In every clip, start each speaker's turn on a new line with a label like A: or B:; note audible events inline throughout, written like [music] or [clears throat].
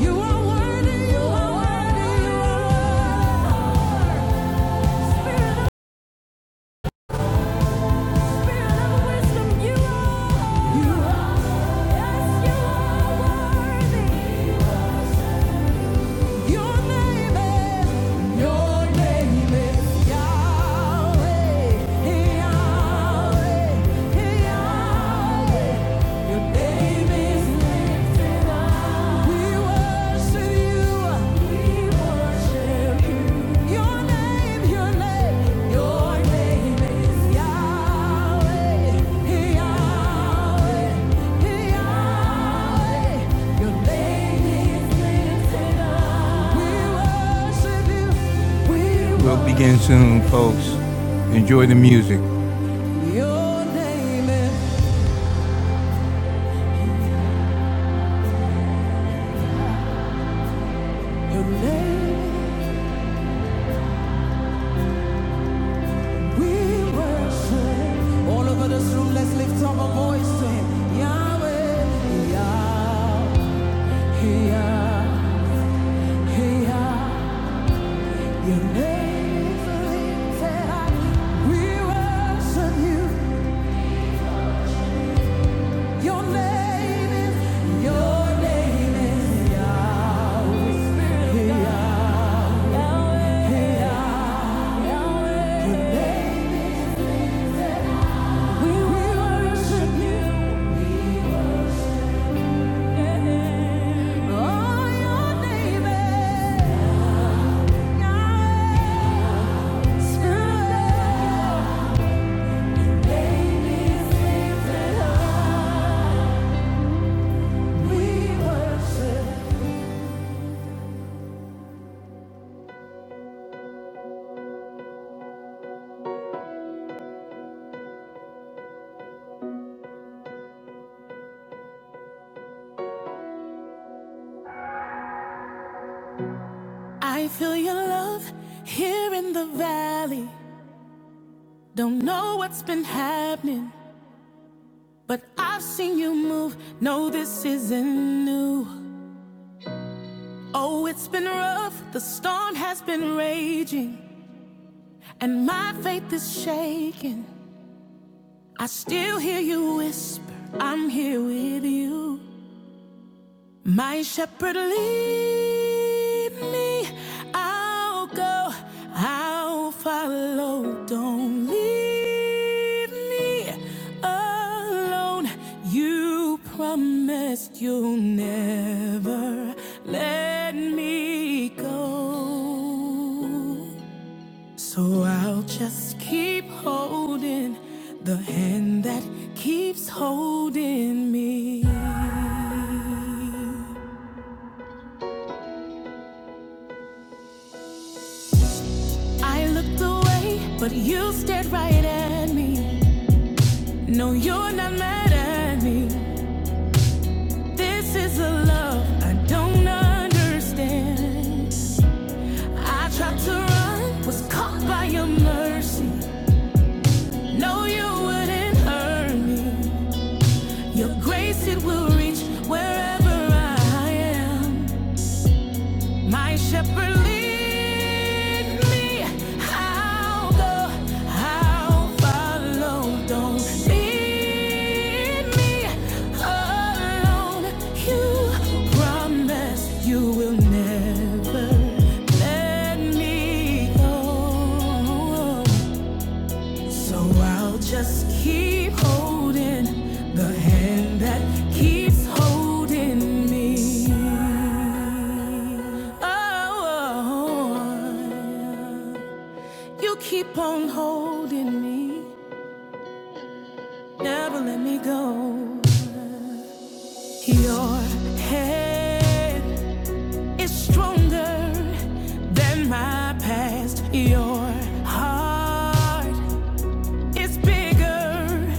A: You are worthy, you are worthy, you are. Spirit of spirit of wisdom, you are. You Yes, you are worthy. Your name is, your name is Yahweh, Yahweh, Yahweh. Your name is lifted up. We worship you. We worship you. We'll begin soon, folks. Enjoy the music. Your name is your name. We worship all over this room. Let's lift up our voice to Him. Yahweh, Yah, Yah. Spirit. I feel your love here in the valley. Don't know what's been happening, but I've seen you move. No, this isn't new. Oh, it's been rough. The storm has been raging, and my faith is shaking. I still hear you whisper, I'm here with you. My shepherd lead me, I'll go, I'll follow. Don't leave me alone. You promised you'll never let me go. So I'll just keep holding the hand that keeps holding me. I looked away, but you stared right at me. No, you're not mad at me. This is a love I don't understand. I tried to run, was caught by your mercy. No, you wouldn't hurt me. Your grace, it will reach wherever I am. My shepherd lead me. I'll go. I'll follow. Don't leave me alone. You promise you will never let me go. So I'll just keep holding the hand that keeps holding me. Oh, you keep on holding me, never let me go. Your head is stronger than my past. Your heart It's bigger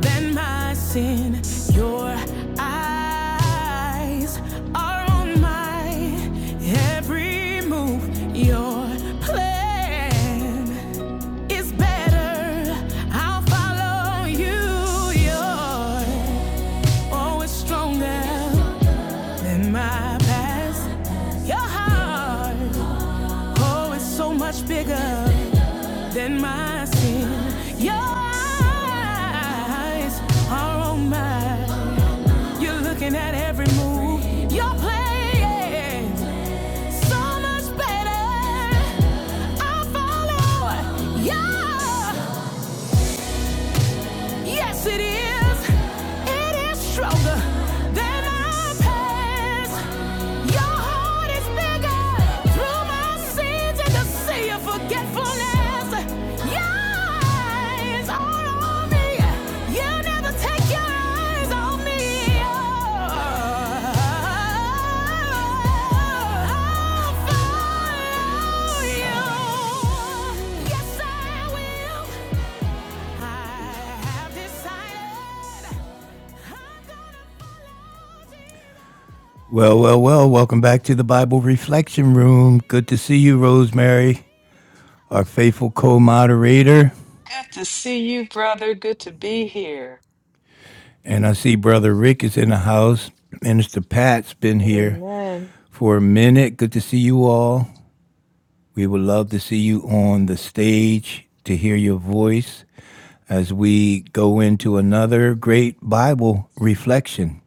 A: than my sin. Your eyes are on my every move. Your plan is better. I'll follow you. You're always stronger than my past. Your heart, oh, it's so much bigger than my sin. Your eyes are on mine. You're looking at every move you're playing. So much better. I follow your Yes, it is. It is stronger than my past. Your heart is bigger. Through my sins and the sea of forgetfulness. Your eyes are on me. You never take your eyes off me. I'll follow you. Yes, I will. Well, well, well, welcome back to the Bible Reflection Room. Good to see you, Rosemary, our faithful co moderator.
B: Good to see you, brother. Good to be here.
A: And I see Brother Rick is in the house. Minister Pat's been here
B: Amen.
A: for a minute. Good to see you all. We would love to see you on the stage to hear your voice as we go into another great Bible reflection.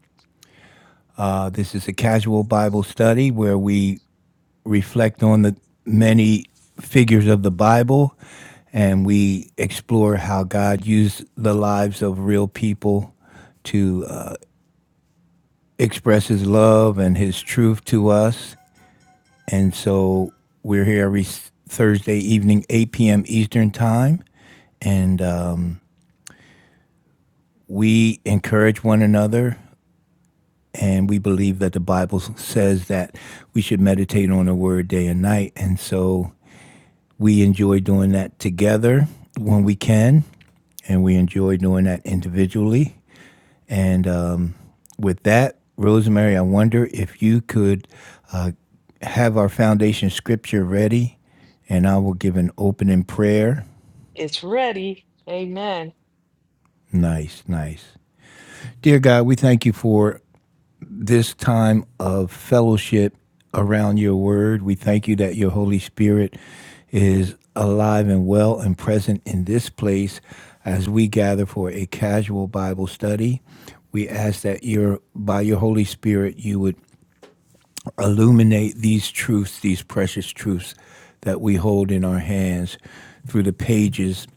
A: Uh, this is a casual Bible study where we reflect on the many figures of the Bible and we explore how God used the lives of real people to uh, express his love and his truth to us. And so we're here every Thursday evening, 8 p.m. Eastern Time. And um, we encourage one another and we believe that the Bible says that we should meditate on the word day and night. And so we enjoy doing that together when we can, and we enjoy doing that individually. And um, with that, Rosemary, I wonder if you could uh, have our foundation scripture ready, and I will give an opening prayer.
B: It's ready. Amen.
A: Nice, nice. Dear God, we thank you for this time of fellowship around your word. We thank you that your Holy Spirit is alive and well and present in this place as we gather for a casual Bible study. We ask that your by your Holy Spirit you would illuminate these truths, these precious truths that we hold in our hands through the pages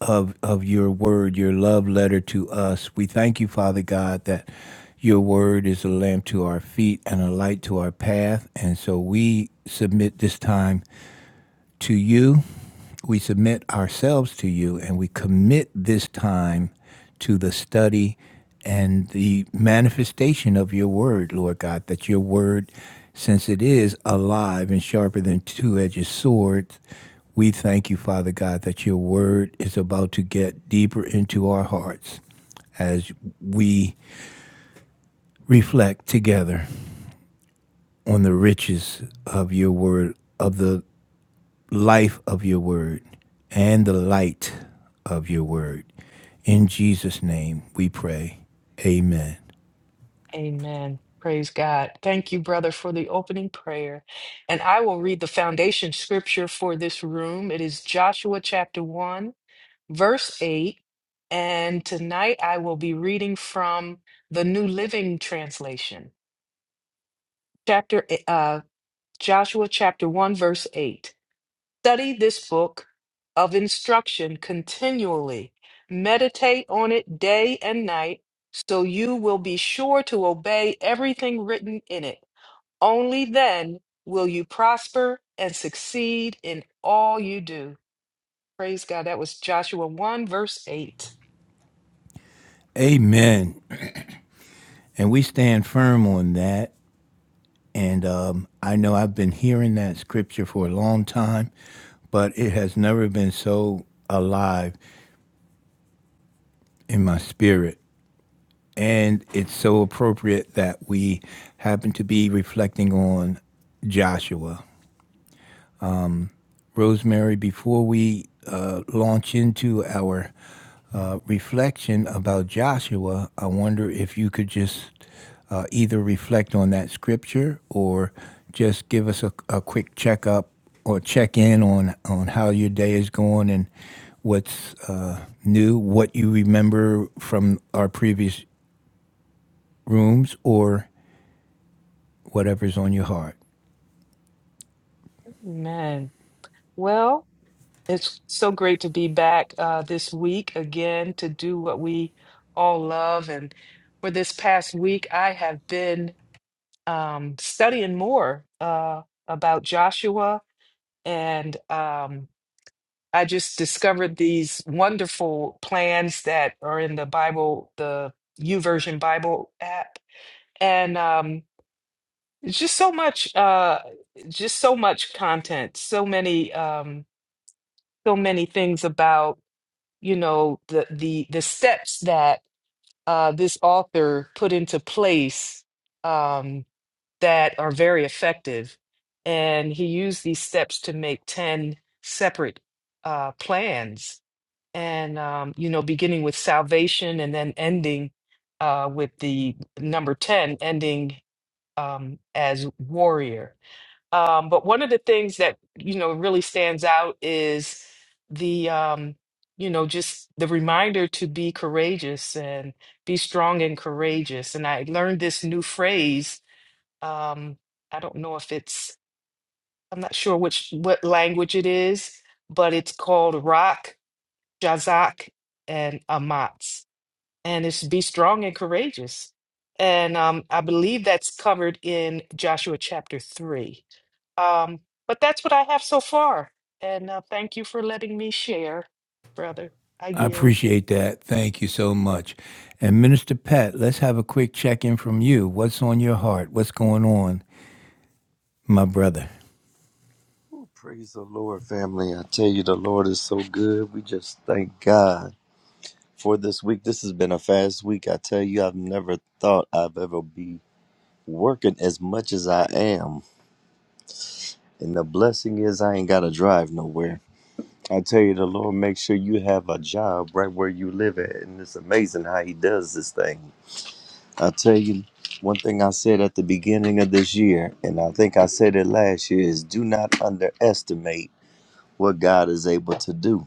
A: of, of your word, your love letter to us. We thank you, Father God, that your word is a lamp to our feet and a light to our path. And so we submit this time to you we submit ourselves to you and we commit this time to the study and the manifestation of your word, Lord God, that your word, since it is alive and sharper than two edged swords, we thank you, Father God, that your word is about to get deeper into our hearts as we reflect together on the riches of your word, of the life of your word and the light of your word. In Jesus' name we pray. Amen.
B: Amen. Praise God. Thank you, brother, for the opening prayer. And I will read the foundation scripture for this room. It is Joshua chapter 1, verse 8. And tonight I will be reading from the New Living Translation, chapter eh, uh, Joshua chapter 1, verse 8. Study this book of instruction continually. Meditate on it day and night, so you will be sure to obey everything written in it. Only then will you prosper and succeed in all you do. Praise God. That was Joshua 1, verse 8.
A: Amen. And we stand firm on that. And um, I know I've been hearing that scripture for a long time, but it has never been so alive in my spirit. And it's so appropriate that we happen to be reflecting on Joshua Rosemary, before we uh, launch into our uh, reflection about Joshua, I wonder if you could just uh, either reflect on that scripture or just give us a, a quick checkup or check in on, on how your day is going and what's uh, new, what you remember from our previous rooms, or whatever's on your heart.
B: Amen. Well, it's so great to be back uh, this week again to do what we all love. And for this past week, I have been um, studying more uh, about Joshua, and um, I just discovered these wonderful plans that are in the Bible, the YouVersion Bible app, and um, it's just so much, uh, just so much content, so many, um, so many things about you know the the the steps that uh, this author put into place. Um, that are very effective. And he used these steps to make 10 separate uh, plans. And, um, you know, beginning with salvation and then ending uh, with the number 10, ending um, as warrior. Um, but one of the things that, you know, really stands out is the, um, you know, just the reminder to be courageous and be strong and courageous. And I learned this new phrase um i don't know if it's i'm not sure which what language it is but it's called rock jazak and amatz and it's be strong and courageous and um i believe that's covered in joshua chapter 3 um but that's what i have so far and uh, thank you for letting me share brother i
A: I
B: yield
A: appreciate that. Thank you so much. And Minister Pat, let's have a quick check in from you. What's on your heart? What's going on, my brother?
C: Ooh, Praise the Lord, family. I tell you, the Lord is so good. We just thank God for this week. This has been a fast week. I tell you, I've never thought I've ever be working as much as I am. And the blessing is I ain't gotta drive nowhere. I tell you, the Lord makes sure you have a job right where you live at. And it's amazing how he does this thing. I tell you, one thing I said at the beginning of this year, and I think I said it last year, is do not underestimate what God is able to do.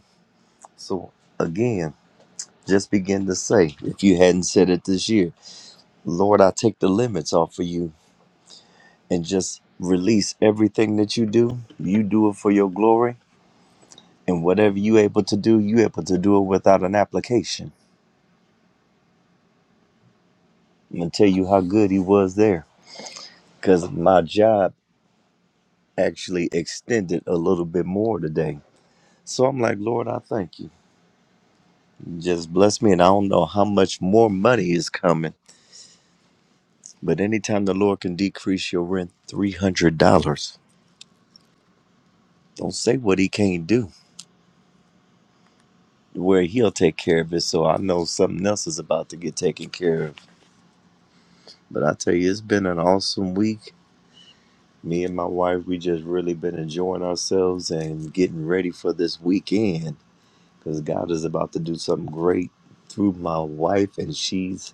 C: So again, just begin to say, if you hadn't said it this year, Lord, I take the limits off of you and just release everything that you do. You do it for your glory. And whatever you able to do, you able to do it without an application. I'm gonna tell you how good he was there. Cause my job actually extended a little bit more today. So I'm like, Lord, I thank you. Just bless me. And I don't know how much more money is coming. But anytime the Lord can decrease your rent $300, Don't say what he can't do. Where he'll take care of it, so I know something else is about to get taken care of. But I tell you, it's been an awesome week. Me and my wife, we just really been enjoying ourselves and getting ready for this weekend because God is about to do something great through my wife, and she's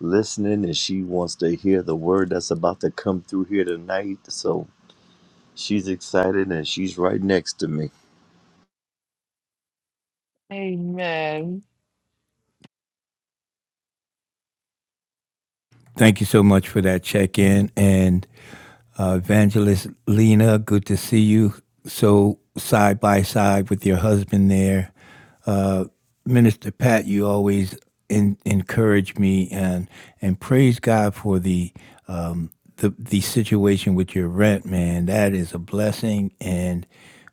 C: listening and she wants to hear the word that's about to come through here tonight. So she's excited and she's right next to me.
B: amen
A: Thank you so much for that check in. And uh, Evangelist Lena, good to see you. So side by side with your husband there. uh, Minister Pat, you always in, encourage me and and praise God for the um, the the situation with your rent, man. That is a blessing, and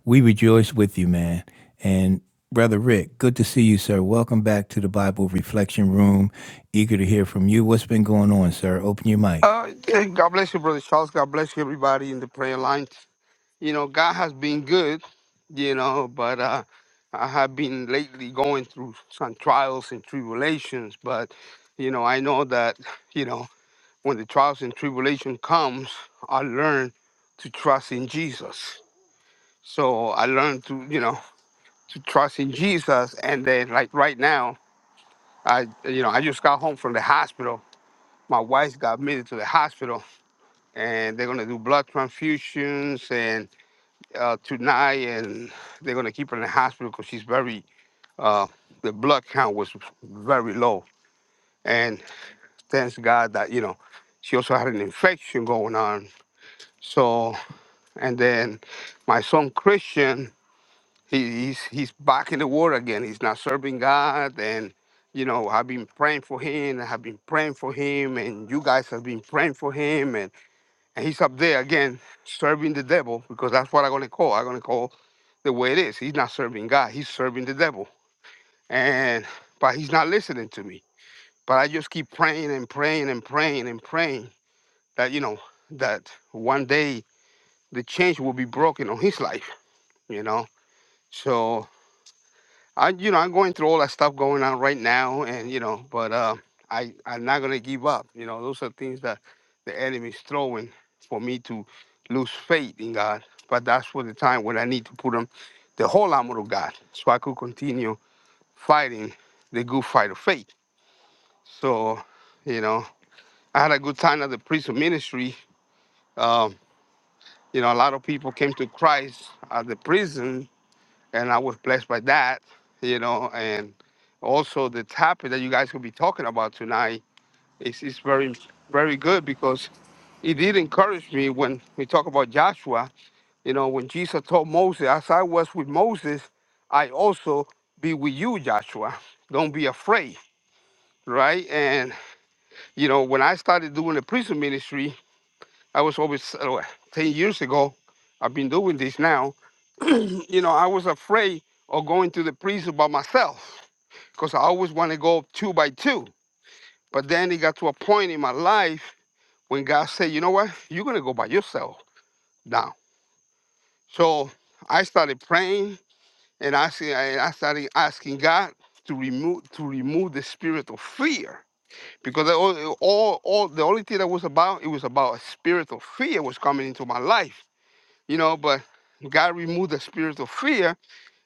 A: we rejoice with you, man. And brother Rick, good to see you, sir. Welcome back to the Bible Reflection Room. Eager to hear from you. What's been going on, sir? Open your mic.
D: Uh, yeah, God bless you, Brother Charles. God bless you, everybody in the prayer line. You know, God has been good, you know, but uh, I have been lately going through some trials and tribulations. But, you know, I know that, you know, when the trials and tribulation comes, I learn to trust in Jesus. So I learned to, you know, to trust in Jesus. And then, like right now, I, you know, I just got home from the hospital. My wife got admitted to the hospital and they're going to do blood transfusions and uh, tonight and they're going to keep her in the hospital because she's very uh, the blood count was very low and thanks god that you know she also had an infection going on so and then my son christian he, he's he's back in the war again he's not serving god and you know i've been praying for him i've been praying for him and you guys have been praying for him and. And he's up there again serving the devil because that's what I'm gonna call. I'm gonna call the way it is. He's not serving God, he's serving the devil. And but he's not listening to me. But I just keep praying and praying and praying and praying that, you know, that one day the change will be broken on his life, you know. So. I you know I'm going through all that stuff going on right now, and you know, but uh, I I'm not gonna give up. You know, those are things that the enemy's throwing for me to lose faith in God. But that's for the time when I need to put on the whole armor of God, so I could continue fighting the good fight of faith. So, you know, I had a good time at the prison ministry. Um, you know, a lot of people came to Christ at the prison and I was blessed by that, you know, and also the topic that you guys will be talking about tonight is, is very, very good because it did encourage me when we talk about Joshua, you know, when Jesus told Moses, as I was with Moses, I also be with you, Joshua. Don't be afraid, right? And, you know, when I started doing the prison ministry, I was always, uh, 10 years ago, I've been doing this now, you know, I was afraid of going to the prison by myself because I always want to go two by two. But then it got to a point in my life when God said, you know what? You're going to go by yourself now. So I started praying and asking, and I started asking God to remove to remove the spirit of fear because the o- all, all the only thing that was about it was about a spirit of fear was coming into my life, you know. But God removed the spirit of fear,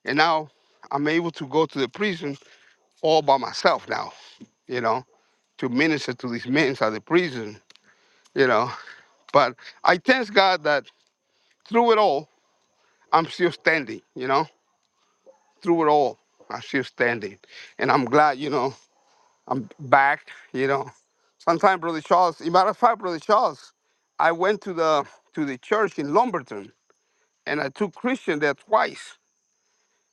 D: and now I'm able to go to the prison all by myself now, you know to minister to these men at the prison, you know. But I thank God that through it all, I'm still standing, you know, through it all, I'm still standing. And I'm glad, you know, I'm back, you know. Sometime, Brother Charles, a matter of fact, Brother Charles, I went to the to the church in Lumberton and I took Christian there twice.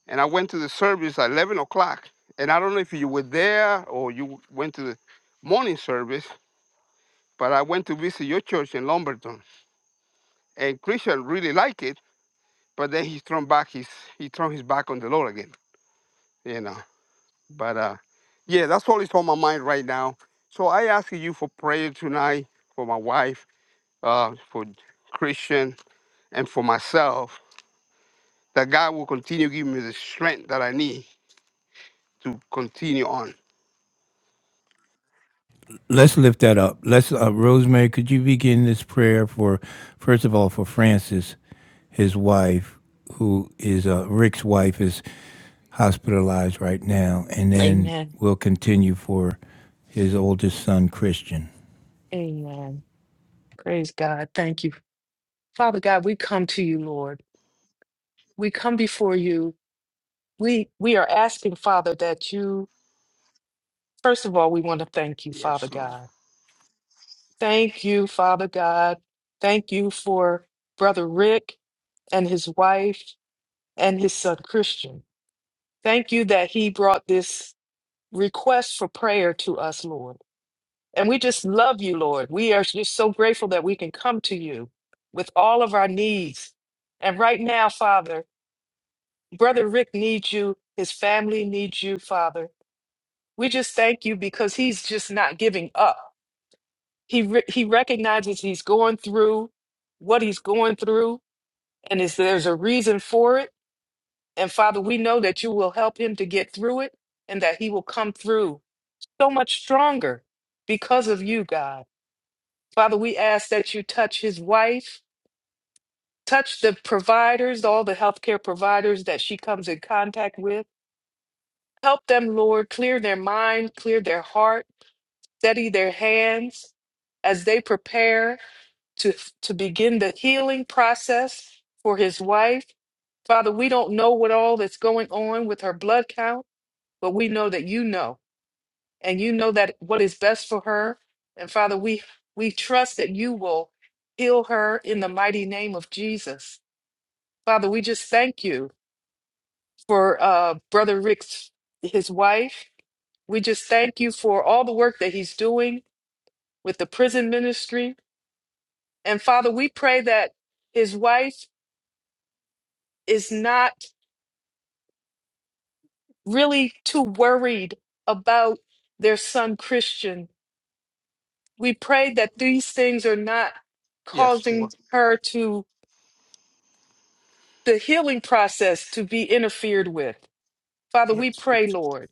D: And I went to the service at 11 o'clock. And I don't know if you were there or you went to the morning service, but I went to visit your church in Lumberton and Christian really liked it, but then he turned back his he turned his back on the Lord again, you know. But uh yeah, that's all is on my mind right now. So I ask you for prayer tonight for my wife, uh, for Christian and for myself, that God will continue giving me the strength that I need to continue on.
A: Let's lift that up. Let's, uh, Rosemary, could you begin this prayer for, first of all, for Francis, his wife, who is uh, Rick's wife, is hospitalized right now, and then
B: amen
A: we'll continue for his oldest son, Christian.
B: amen praise god thank you father god we come to you lord we come before you. We we are asking, Father, that you first of all, we want to thank you,
D: Yes,
B: Father
D: Lord.
B: God. Thank you, Father God. Thank you for Brother Rick and his wife and his son Christian. Thank you that he brought this request for prayer to us, Lord. And we just love you, Lord. We are just so grateful that we can come to you with all of our needs. And right now, Father, Brother Rick needs you. His family needs you, Father. We just thank you because he's just not giving up. He re- he recognizes he's going through what he's going through, and is there's a reason for it. And Father, we know that you will help him to get through it, and that he will come through so much stronger because of you, God. Father, we ask that you touch his wife, touch the providers, all the healthcare providers that she comes in contact with. Help them, Lord, clear their mind, clear their heart Steady their hands as they prepare to, to begin the healing process for his wife. Father, we don't know what all that's going on with her blood count, but we know that you know, and you know that what is best for her. And Father, we we trust that you will heal her in the mighty name of Jesus. Father, we just thank you for uh, Brother Rick's his wife. We just thank you for all the work that he's doing with the prison ministry. And Father, we pray that his wife is not really too worried about their son Christian. We pray that these things are not
D: Yes,
B: causing
D: Lord.
B: her to the healing process to be interfered with. Father, we
D: Yes.
B: pray, Lord,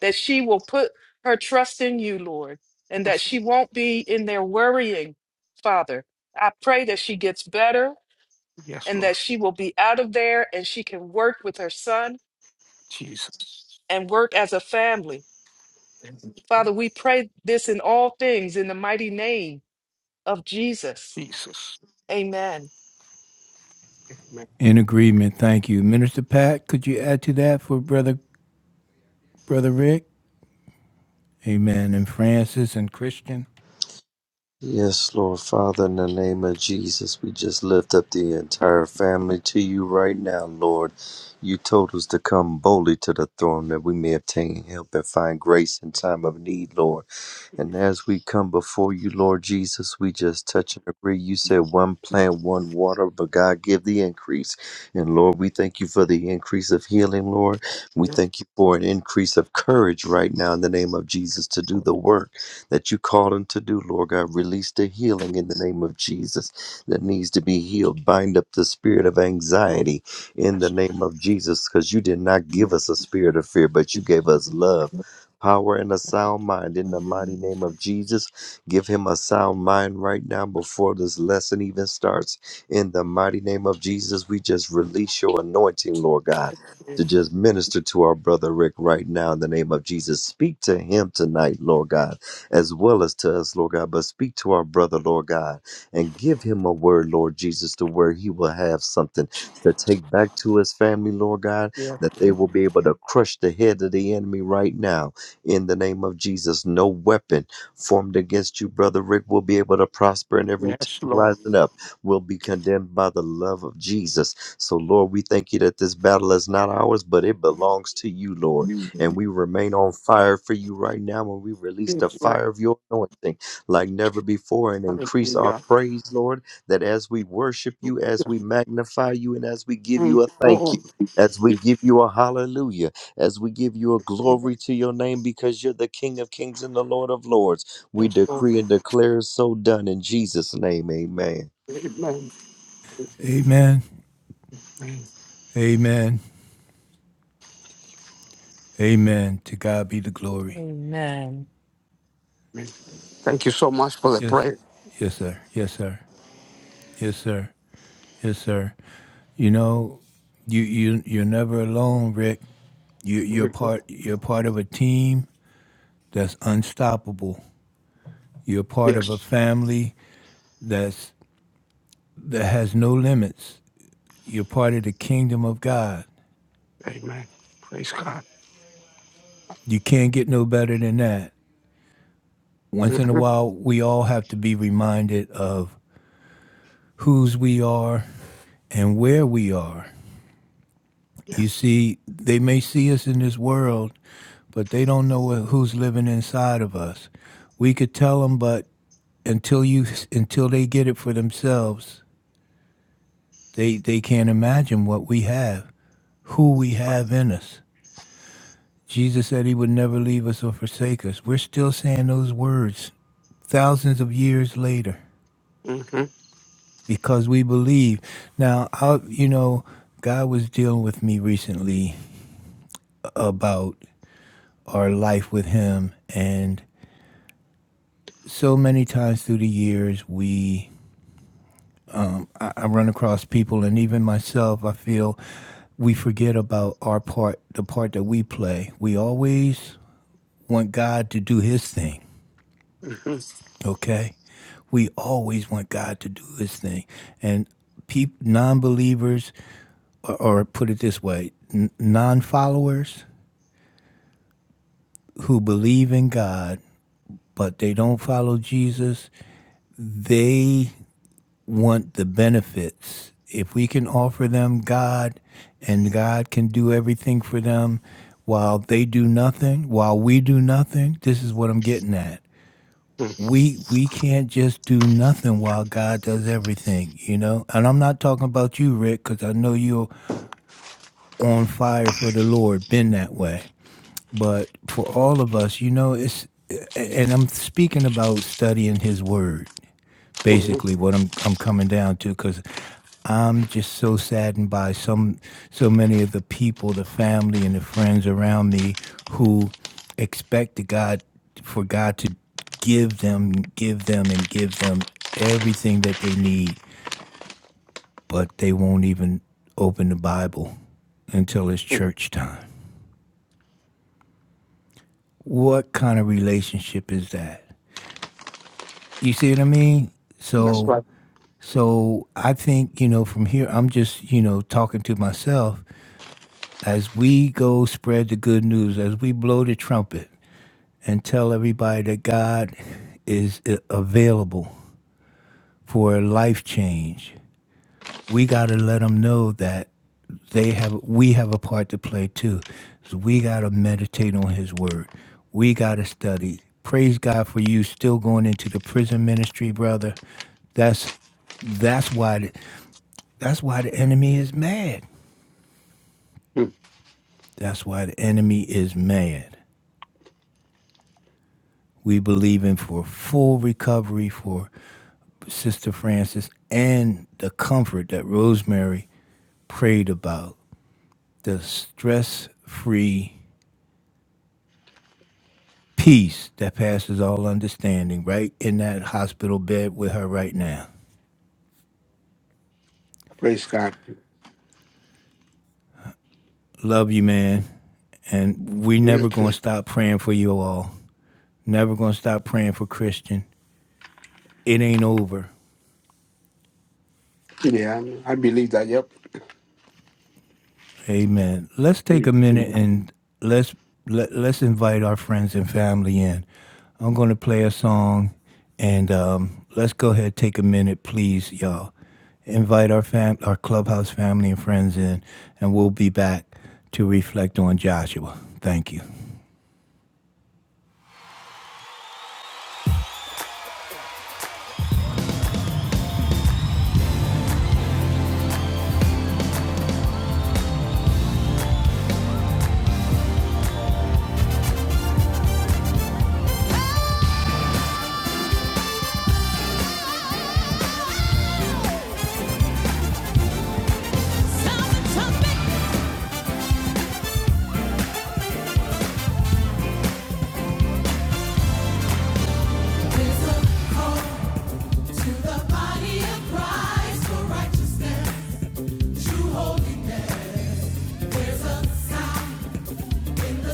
B: that she will put her trust in you, Lord, and that
D: Yes.
B: she won't be in there worrying, Father. I pray that she gets better
D: Yes,
B: and
D: Lord.
B: that she will be out of there and she can work with her son
D: Jesus.
B: and work as a family.
D: Thank you, Lord.
B: Father, we pray this in all things in the mighty name of Jesus.
D: Jesus.
B: Amen.
D: Amen.
A: In agreement, thank you, Minister Pat. Could you add to that for brother, brother Rick? Amen. And Francis and Christian.
C: Yes, Lord Father, in the name of Jesus, we just lift up the entire family to you right now, Lord. You told us to come boldly to the throne that we may obtain help and find grace in time of need, Lord. And as we come before you, Lord Jesus, we just touch and agree. You said one plant, one water, but God give the increase. And Lord, we thank you for the increase of healing, Lord. We
D: Yes.
C: thank you for an increase of courage right now in the name of Jesus to do
D: Lord.
C: the work that you call them to do, Lord God. Release the healing in the name of Jesus that needs to be healed. Bind up the spirit of anxiety in the
D: Yes.
C: name of Jesus because you did not give us a spirit of fear, but you gave us love. Power and a sound mind in the mighty name of Jesus. Give him a sound mind right now before this lesson even starts. In the mighty name of Jesus, we just release your anointing, Lord God to just minister to our brother Rick right now in the name of Jesus. Speak to him tonight, Lord God as well as to us, Lord God. But speak to our brother, Lord God, and give him a word, Lord Jesus, to where he will have something to take back to his family, Lord God, that
D: Yes.
C: they will be able to crush the head of the enemy right now. In the name of Jesus, no weapon formed against you, brother Rick, will be able to prosper, and every
D: Yes,
C: tongue
D: Lord.
C: rising up will be condemned by the love of Jesus. So, Lord, we thank you that this battle is not ours, but it belongs to you, Lord. And we remain on fire for you right now when we release the
D: Yes, Lord.
C: fire of your anointing like never before and increase our
D: Hallelujah.
C: praise, Lord, that as we worship you, as
D: Yes,
C: we magnify you, and as we give you
D: Thank
C: a
D: you,
C: thank
D: Lord.
C: you. As we give you a hallelujah, as we give you a glory to your name because you're the King of kings and the Lord of lords, we
D: Yes, Lord.
C: decree and declare so done in Jesus' name. Amen.
D: Amen.
A: Amen.
D: Amen.
A: Amen. Amen. To God be the glory.
B: Amen.
D: Amen. Thank you so much for the
A: Yes.
D: prayer.
A: Yes, sir. Yes, sir. Yes, sir. Yes, sir. You know, you you you're never alone, Rick. You you're
D: Mhm.
A: part you're part of a team that's unstoppable. You're part of a
D: Yes.
A: family that's that has no limits. You're part of the kingdom of God.
D: Amen. Praise God.
A: You can't get no better than that. Once in a
D: hmm
A: while, we all have to be reminded of whose we are and where we are. You
D: Yes.
A: see, they may see us in this world, but they don't know who's living inside of us. We could tell them, but until you, until they get it for themselves, they they can't imagine what we have, who we
D: That's right.
A: have in us. Jesus said He would never leave us or forsake us. We're still saying those words thousands of years later
D: hmm
A: because we believe. Now, I, you know, God was dealing with me recently about our life with Him, and so many times through the years we I, I run across people and even myself i feel we forget about our part the part that we play we always want god to do his thing okay we always want god to do his thing and peop non-believers or, or put it this way n- non-followers who believe in god but they don't follow jesus they want the benefits. If we can offer them God and God can do everything for them while they do nothing, while we do nothing, this is what I'm getting at.
D: hmm
A: We we can't just do nothing while God does everything, you know? And I'm not talking about you, Rick, cuz I know you're on fire for the Lord, been that way. But for all of us, you know, it's and I'm speaking about studying his word
D: hmm
A: basically what I'm I'm coming down to because I'm just so saddened by some so many of the people, the family and the friends around me who expect the God for God to give them, give them and give them everything that they need, but they won't even open the Bible until it's church time. What kind of relationship is that? You see what I mean?
D: That's
A: So
D: right.
A: So I think, you know, from here, I'm just, you know, talking to myself as we go spread the good news, as we blow the trumpet and tell everybody that God is a- available for a life change. We got to let them know that they have we have a part to play too. So we got to meditate on his word. We got to study. Praise God for you still going into the prison ministry, brother. That's that's why. That's why the enemy is mad.
D: Mm.
A: That's why the enemy is mad. We believe in for full recovery for Sister Francis and the comfort that Rosemary prayed about. The stress free peace that passes all understanding right in that hospital bed with her right now.
D: Praise God.
A: Love you, man. And we never gonna
D: Mhm.
A: stop praying for you all. Never gonna stop praying for Christian. It ain't over.
D: Yeah, I believe that. Yep.
A: Amen. Let's take a minute
D: Mhm.
A: and let's let, let's invite our friends and family in. I'm going to play a song, and um, let's go ahead take a minute, please, y'all. Invite our fam, our clubhouse family and friends in, and we'll be back to reflect on Joshua. Thank you.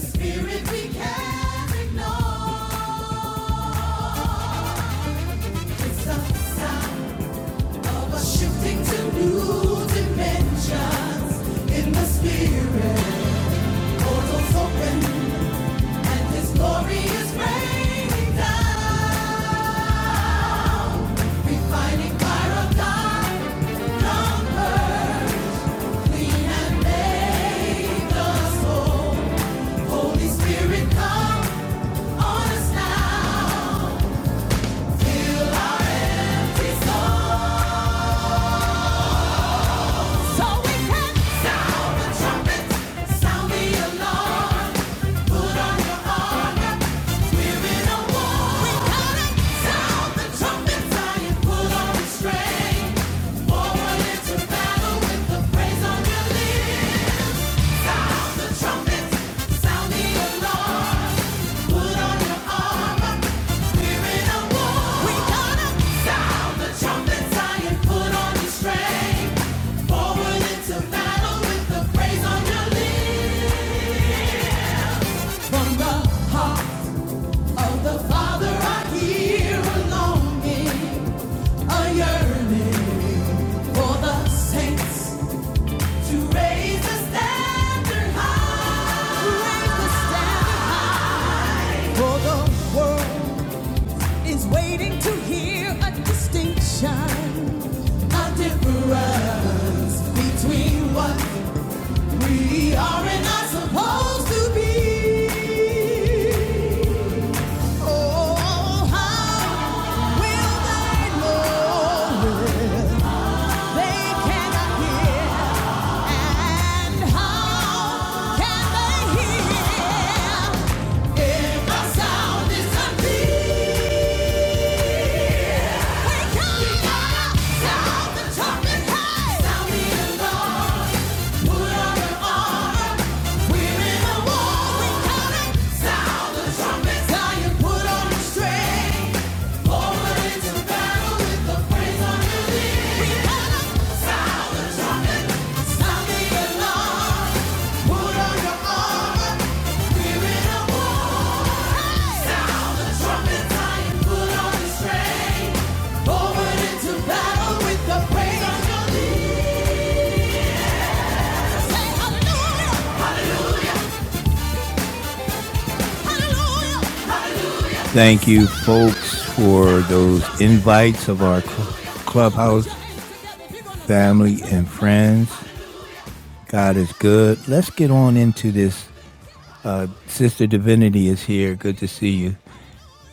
A: spirit we can't Shifting to new dimensions in the spirit. Portals open and His glory is raining down. Refining fire of God, come early and make us whole. Holy Spirit, come on us now. Restore so we can sound the trumpet, sound the alarm. Forward into battle with the praise on your lips. From the heart of the Father, I hear a longing, a yearning for the saints to raise the standard high. For the world is waiting to hear a distinction, a difference between what we are and are supposed to be. Oh, how will they know if they cannot hear? And how can they hear if the sound is We gotta sound the trumpet, hey! Sound the alarm. Forward into battle with the praise on your lips. I say hallelujah. Thank you, folks, for those invites of our clubhouse family and friends. God is good. Let's get on into this. Uh, Sister Divinity is here. Good to see you.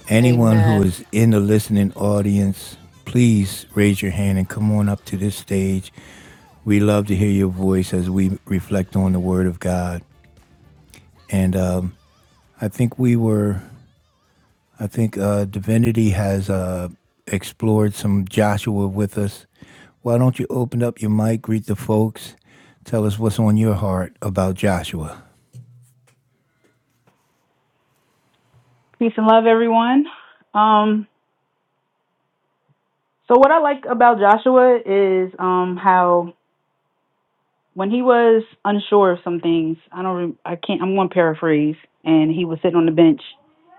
A: Anyone who
B: Amen.
A: is in the listening audience, please raise your hand and come on up to this stage. We love to hear your voice as we reflect on the Word of God. And um, I think we were I think uh, Divinity has uh, explored some Joshua with us. Why don't you open up your mic, greet the folks, tell us what's on your heart about Joshua?
E: Peace and love, everyone. Um, so what I like about Joshua is um, how when he was unsure of some things, I don't, re- I can't, I'm going to paraphrase, and he was sitting on the bench,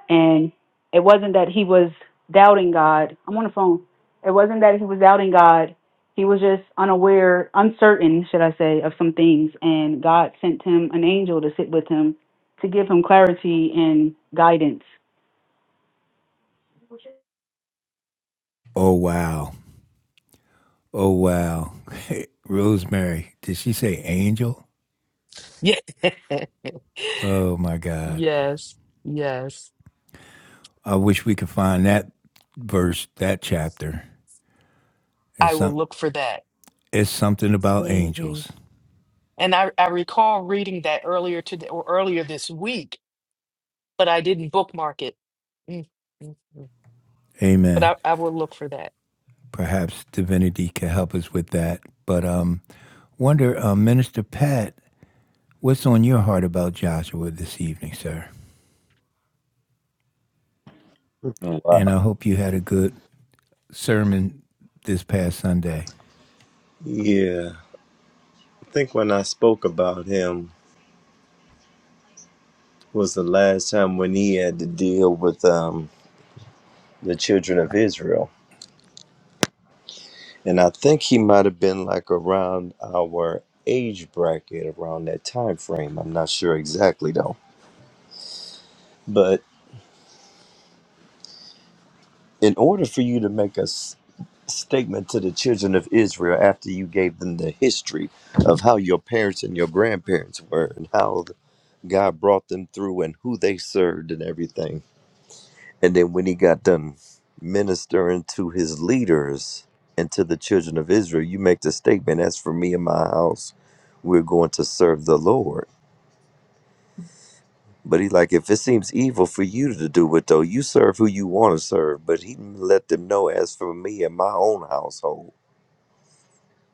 E: and it wasn't that he was doubting God. I'm on the phone. It wasn't that he was doubting God. He was just unaware, uncertain, should I say, of some things, and God sent him an angel to sit with him to give him clarity and guidance.
A: Oh, wow. Oh, wow. [laughs] Rosemary, did she say angel?
B: Yeah. [laughs]
A: Oh, my God.
B: yes. Yes.
A: I wish we could find that verse, that chapter. It's,
B: I will
A: some,
B: look for that.
A: it's something about
B: hmm
A: angels.
B: And I, I recall reading that earlier today or earlier this week, but I didn't bookmark it. Mm, mm, mm. But
A: Amen.
B: I, I will look for that.
A: Perhaps divinity can help us with that. But um, wonder, uh, Minister Pat, What's on your heart about Joshua this evening, sir? And I
C: Wow.
A: hope you had a good sermon this past Sunday.
C: Yeah, I think when I spoke about him was the last time when he had to deal with. um. the children of Israel. And I think he might have been like around our age bracket, around that time frame. I'm not sure exactly though. But in order for you to make a s- statement to the children of Israel after you gave them the history of how your parents and your grandparents were and how God brought them through and who they served and everything, And then when he got done ministering to his leaders and to the children of Israel, you make the statement, as for me and my house, we're going to serve the Lord. But he like, if it seems evil for you to do it though, you serve who you want to serve. But he let them know, as for me and my own household.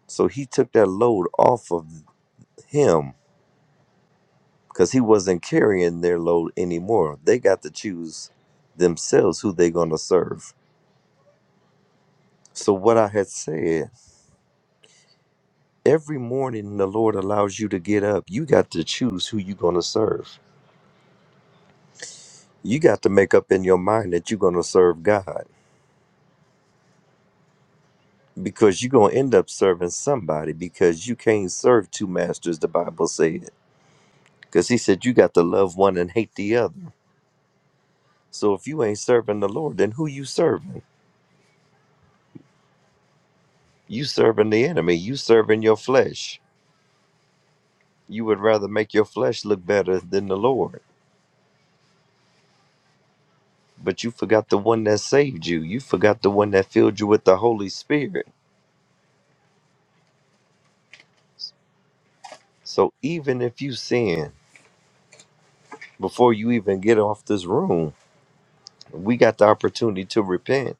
C: So he took that load off of him because he wasn't carrying their load anymore. They got to choose themselves who they're going to serve. So what I had said every morning the lord allows you to get up you got to choose who you're going to serve you got to make up in your mind that you're going to serve god because you're going to end up serving somebody because you can't serve two masters the bible said because he said you got to love one and hate the other so if you ain't serving the lord then who you serving you serving the enemy you serving your flesh you would rather make your flesh look better than the lord but you forgot the one that saved you you forgot the one that filled you with the holy spirit So even if you sin before you even get off this room, we got the opportunity to repent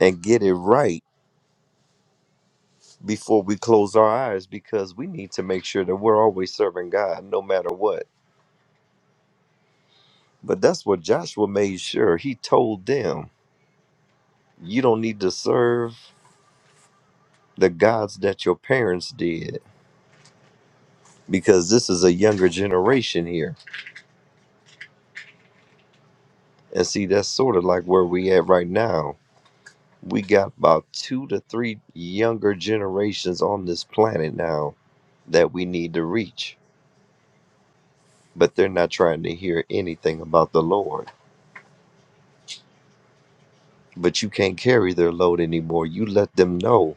C: and get it right before we close our eyes because we need to make sure that we're always serving God no matter what. But that's what Joshua made sure. He told them, you don't need to serve the gods that your parents did because this is a younger generation here. And see, that's sort of like where we at right now We got about two to three younger generations on this planet now that we need to reach, but they're not trying to hear anything about the Lord. But you can't carry their load anymore. You let them know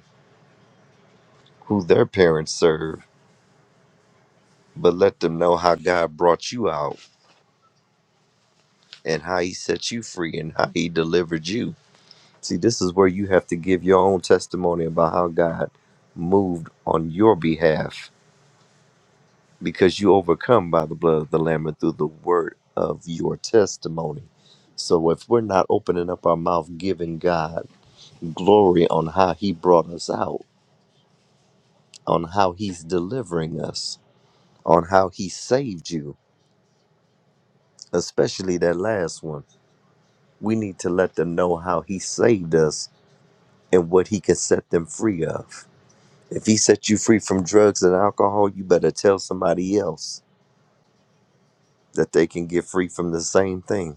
C: who their parents serve, but let them know how God brought you out and how He set you free and how He delivered you. See, this is where you have to give your own testimony about how God moved on your behalf because you overcome by the blood of the Lamb and through the word of your testimony. So if we're not opening up our mouth, giving God glory on how He brought us out, on how He's delivering us, on how He saved you, especially that last one, we need to let them know how He saved us and what He can set them free of. If He set you free from drugs and alcohol, you better tell somebody else that they can get free from the same thing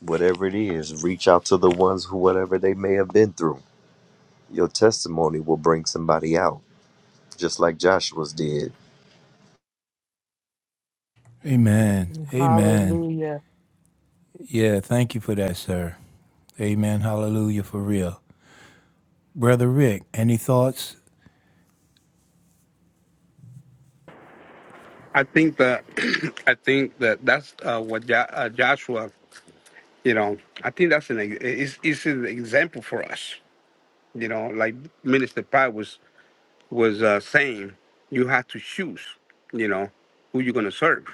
C: whatever it is, reach out to the ones who, whatever they may have been through. Your testimony will bring somebody out, just like Joshua's did.
A: Amen. Amen.
B: Hallelujah.
A: Yeah, thank you for that, sir. Amen. Hallelujah for real. Brother Rick, any thoughts?
D: I think that [clears throat] I think that that's uh, what jo- uh, Joshua You know, I think that's an ex- it's, it's an example for us. You know, like Minister Pai was was uh, saying, you have to choose. You know, who you're gonna serve.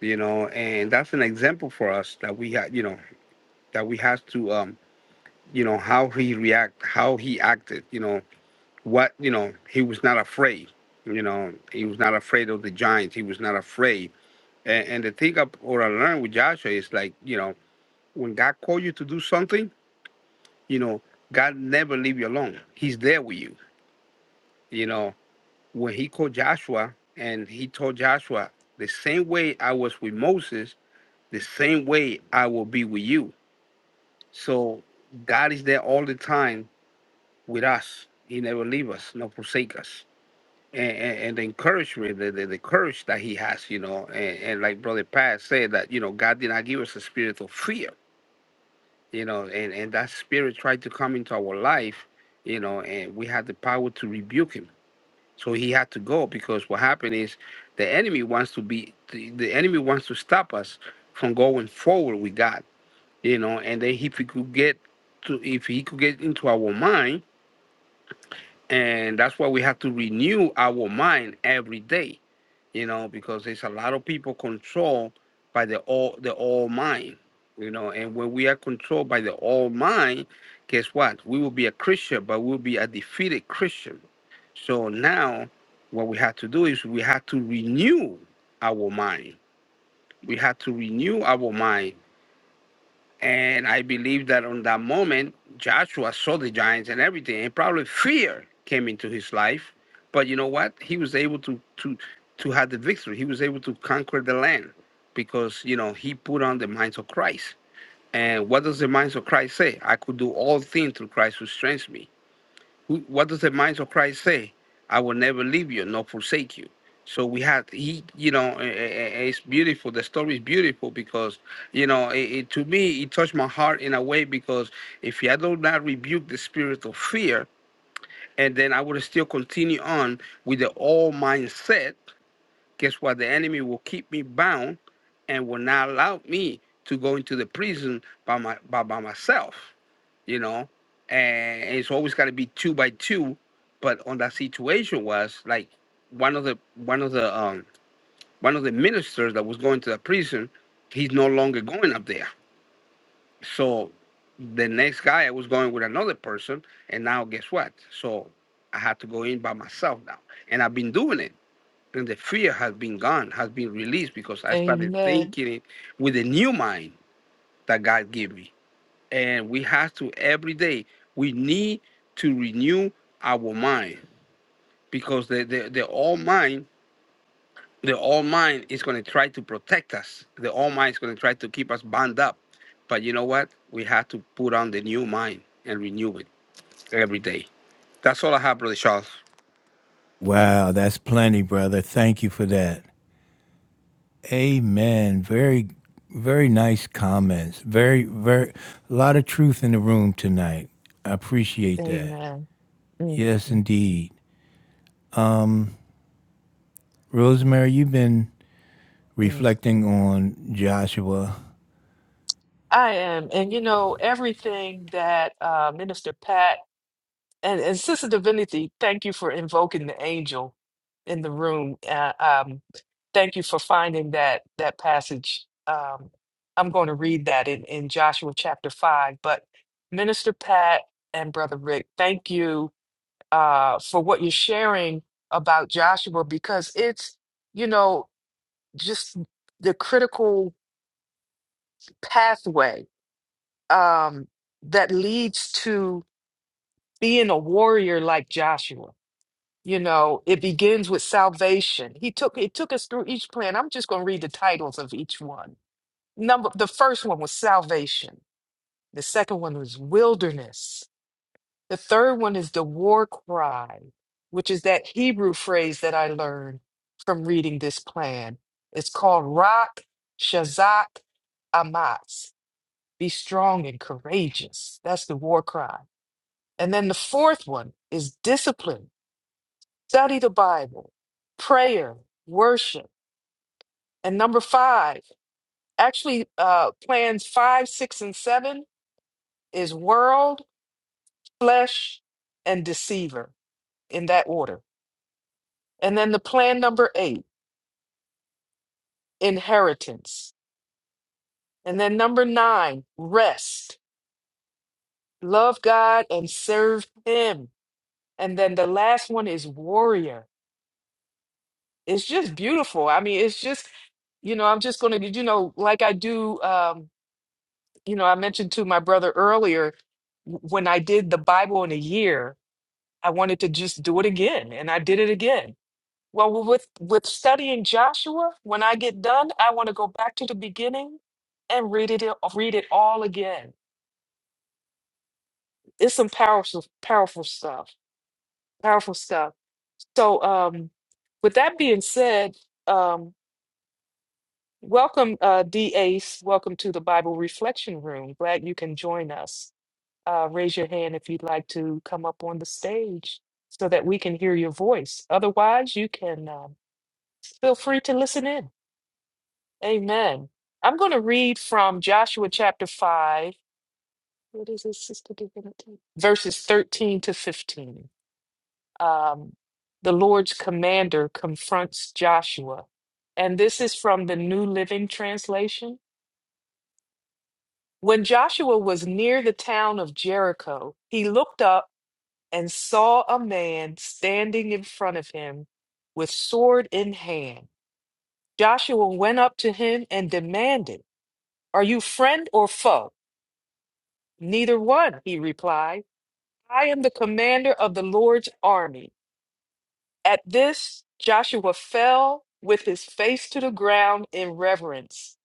D: You know, and that's an example for us that we had. You know, that we have to. Um, you know how he react, how he acted. You know what. You know he was not afraid. You know he was not afraid of the giants. He was not afraid. And, and the thing I, or I learned with Joshua is like, you know, when God called you to do something You know, God never leave you alone. He's there with you. You know, when he called Joshua and he told Joshua, the same way I was with Moses, the same way I will be with you. So God is there all the time with us. He never leave us, nor forsake us. And, and, and the encouragement, the, the, the courage that he has, you know, and, and like Brother Pat said, that, you know, God did not give us a spirit of fear, you know, and, and that spirit tried to come into our life, you know, and we had the power to rebuke him. So he had to go because what happened is the enemy wants to be the, the enemy wants to stop us from going forward with God, you know, and then if he could get to if he could get into our mind, and that's why we have to renew our mind every day you know, because there's a lot of people controlled by the all the all mind, you know, and when we are controlled by the all mind, guess what? We will be a Christian, but we'll be a defeated Christian. So now what we have to do is we have to renew our mind. We have to renew our mind and I believe that on that moment, Joshua saw the giants and everything, and probably fear came into his life. But you know what? He was able to to to have the victory. He was able to conquer the land because you know he put on the minds of Christ. And what does the minds of Christ say? I could do all things through Christ who strengthens me. Who- What does the mind of Christ say? I will never leave you nor forsake you. So we had he, you know, eh, eh, eh, eh, it's beautiful. The story is beautiful because, you know, it, it, to me it touched my heart in a way because if I do not rebuke the spirit of fear, and then I would still continue on with the all mindset. Guess what? The enemy will keep me bound and will not allow me to go into the prison by my by, by myself you know, and it's always got to be two by two. But on that situation was like one of the one of the um one of the ministers that was going to the prison, he's no longer going up there. So the next guy I was going with another person, and now guess what? So I had to go in by myself now, and I've been doing it. And the fear has been gone, has been released because I started
B: Amen.
D: thinking it with a new mind that God gave me and we have to every day we need to renew our mind because the the, the all mind the all mind is going to try to protect us the all mind is going to try to keep us bound up but you know what we have to put on the new mind and renew it every day that's all i have brother charles
A: Wow, that's plenty, brother. Thank you for that. Amen. Very, very nice comments. Very, very, a lot of truth in the room tonight. I appreciate that.
B: Amen. Mm,
A: Yes,
B: mm,
A: indeed. Rosemary, you've been
B: mm.
A: reflecting on Joshua.
B: I am. And you know, everything that uh, Minister Pat and, and Sister Divinity, thank you for invoking the angel in the room. Uh, um, thank you for finding that that passage. Um, I'm going to read that in, in Joshua chapter five. But Minister Pat and Brother Rick, thank you uh, for what you're sharing about Joshua because it's, you know, just the critical pathway um, that leads to being a warrior like Joshua. You know, it begins with salvation. He took it took us through each plan. I'm just going to read the titles of each one. Number the first one was salvation. The second one was wilderness. The third one is the war cry, which is that Hebrew phrase that I learned from reading this plan. It's called Rock Shazak Amatz. Be strong and courageous. That's the war cry. And then the fourth one is discipline, study the Bible, prayer, worship. And number five, actually, uh, plans five, six, and seven is world, flesh, and deceiver in that order. And then the plan number eight, inheritance. And then number nine, rest, love God and serve Him. And then the last one is warrior it's just beautiful. I mean, it's just, you know, I'm just going to, you know, like I do, um, you know, I mentioned to my brother earlier, w- when I did the Bible in a year, I wanted to just do it again, and I did it again. Well, w- with with studying Joshua, when I get done, I want to go back to the beginning and read it a- read it all again. It's some powerful powerful stuff. Powerful stuff. So, um, with that being said, um, Welcome, uh, D. Ace. Welcome to the Bible Reflection Room. Glad you can join us. Uh, raise your hand if you'd like to come up on the stage so that we can hear your voice. Otherwise, you can um, feel free to listen in. Amen. I'm going to read from Joshua chapter 5. What is this, Sister Divinity? Verses 13 to 15. Um, the Lord's commander confronts Joshua. And this is from the New Living Translation. When Joshua was near the town of Jericho, he looked up and saw a man standing in front of him with sword in hand. Joshua went up to him and demanded, Are you friend or foe? Neither one, he replied. I am the commander of the Lord's army. At this, Joshua fell with his face to the ground in reverence.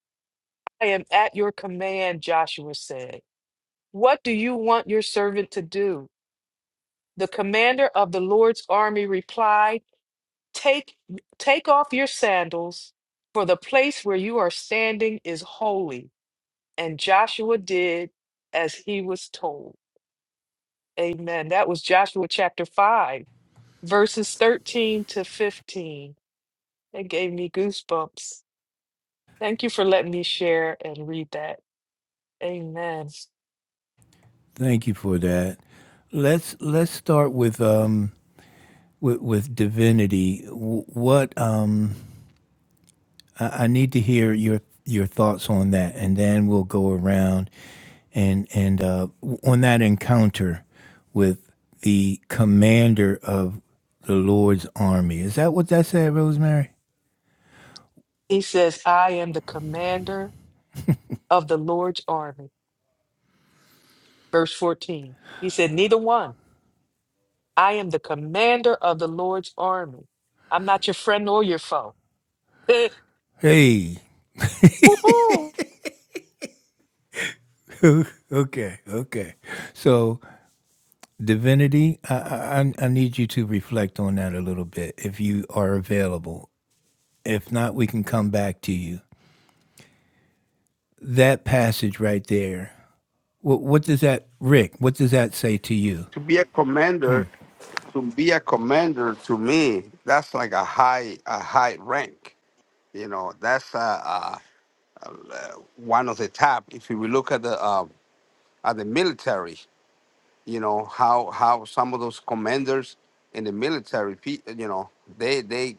B: I am at your command, Joshua said. What do you want your servant to do? The commander of the Lord's army replied, Take, take off your sandals, for the place where you are standing is holy. And Joshua did as he was told. Amen. That was Joshua chapter 5, verses 13 to 15. That gave me goosebumps. Thank you for letting me share and read that. Amen.
A: Thank you for that. Let's let's start with um with, with divinity. What um I, I need to hear your your thoughts on that, and then we'll go around and and uh, on that encounter with the commander of the Lord's army. Is that what that said, Rosemary?
B: He says, I am the commander of the Lord's army. Verse 14. He said, Neither one. I am the commander of the Lord's army. I'm not your friend or your foe. [laughs] Eh,
A: Hey.
B: Woo-hoo.
A: Okay. Okay. So Divinity, I, I, I need you to reflect on that a little bit if you are available. If not, we can come back to you. That passage right there, what, what does that, Rick, what does that say to you?
D: To be a commander,
A: Mm.
D: to be a commander to me, that's like a high a high rank. You know, that's uh, uh, uh, one of the top. If we look at the uh, at the military. You know how how some of those commanders in the military, pe- you know, they they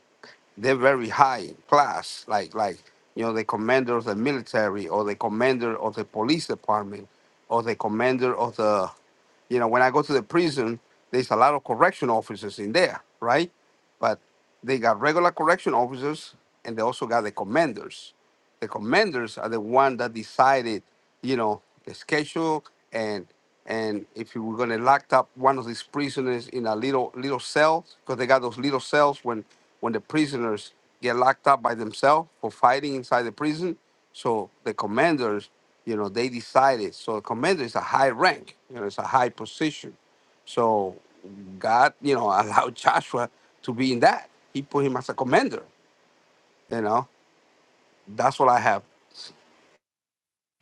D: they're very high in class, like like you know the commander of the military or the commander of the police department or the commander of the you know when I go to the prison, there's a lot of correction officers in there, right? But they got regular correction officers and they also got the commanders the commanders are the one that decided, you know, the schedule and and if you were gonna lock up one of these prisoners in a little little cell, because they got those little cells when when the prisoners get locked up by themselves for fighting inside the prison. So the commanders, you know, they decided. So a commander is a high rank, you know, it's a high position. So God, you know, [laughs] allowed Joshua to be in that. He put him as a commander, you know. That's what I have.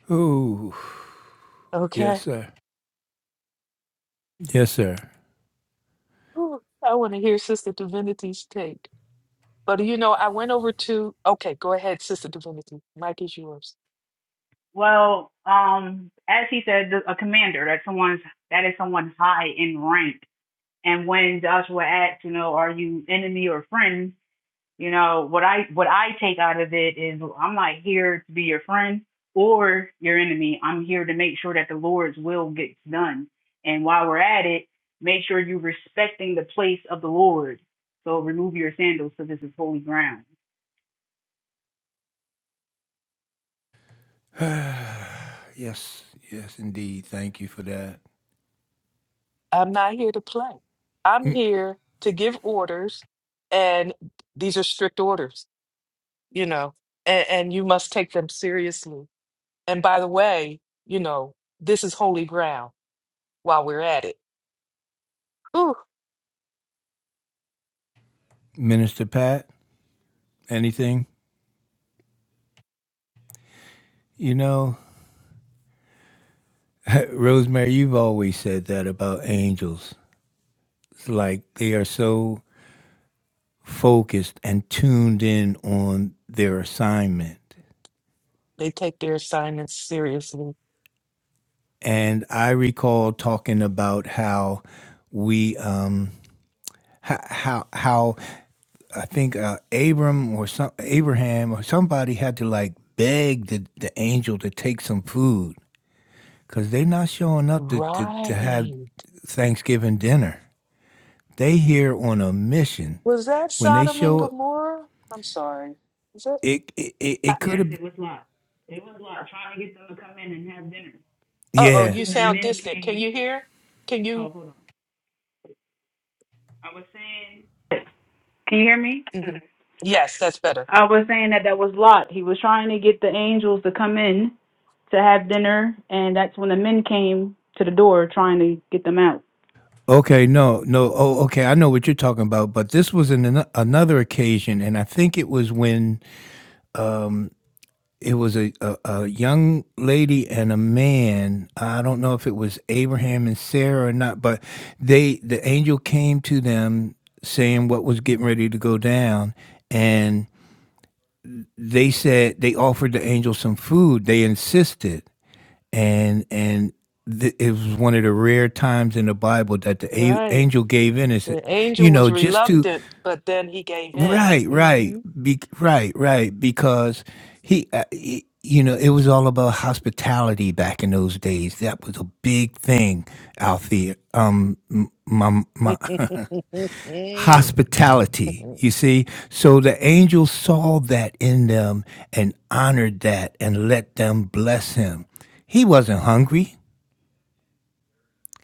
A: Ooh, yes,
B: okay.
A: sir. Yes, sir.
B: Ooh, I want to hear Sister Divinity's take. But you know, I went over to, okay, go ahead, Sister Divinity. Mike is yours.
E: Well, um, as he said, the- a commander that someone's that is someone high in rank. And when Joshua asks, you know, are you enemy or friend? You know what I what I take out of it is I'm not here to be your friend or your enemy. I'm here to make sure that the Lord's will gets done. And while we're at it, make sure you're respecting the place of the Lord. So remove your sandals, so this is holy ground.
A: [sighs] Yes, yes, indeed. Thank you for that.
B: I'm not here to play. I'm
A: Mm,
B: here to give orders, and these are strict orders, you know, and, and you must take them seriously. And by the way, you know, this is holy ground while we're at it. Ooh.
A: Minister Pat, anything? You know, Rosemary, you've always said that about angels. It's like they are so focused and tuned in on their assignment.
B: They take their assignments seriously.
A: And I recall talking about how we, um, how, how, how I think uh, Abram or some, Abraham or somebody had to like beg the, the angel to take some food because they're not showing up to, to, to have
B: Right.
A: Thanksgiving dinner. They here on a mission.
B: Was that
A: When they
B: Sodom and
A: show
B: Gomorrah? I'm sorry. Is it?
A: it, it, it,
B: Uh
A: it could
E: Yes,
A: have,
E: it was locked. It was locked. Trying to get them to come in and have dinner. And
B: oh,
E: that's
A: yeah,
B: you
E: when the
B: sound
E: men
B: distant. Can
E: came.
B: you hear? Can
E: Oh,
B: you?
E: hold on. I was saying. Can you hear me?
B: Mhm. Yes, that's better.
E: I was saying that that was Lot. He was trying to get the angels to come in to have dinner, and that's when the men came to the door trying to get them out.
A: Okay, no, no. Oh, okay. I know what you're talking about, but this was in an, another occasion, and I think it was when um, it was a, a, a young lady and a man. I don't know if it was Abraham and Sarah or not, but they the angel came to them saying what was getting ready to go down, and they said they offered the angel some food. They insisted, and and th- it was one of the rare times in the Bible that the a-
B: Right.
A: angel gave in. Is
B: The
A: you
B: angel was
A: know just to
B: reluctant, but then he gave in.
A: right, right,
B: hmm
A: be, right, right, because he, uh, he, you know, it was all about hospitality back in those days. That was a big thing out there. Um, m- my my [laughs]
B: [laughs]
A: hospitality. You see, so the angel saw that in them and honored that and let them bless him. He wasn't hungry.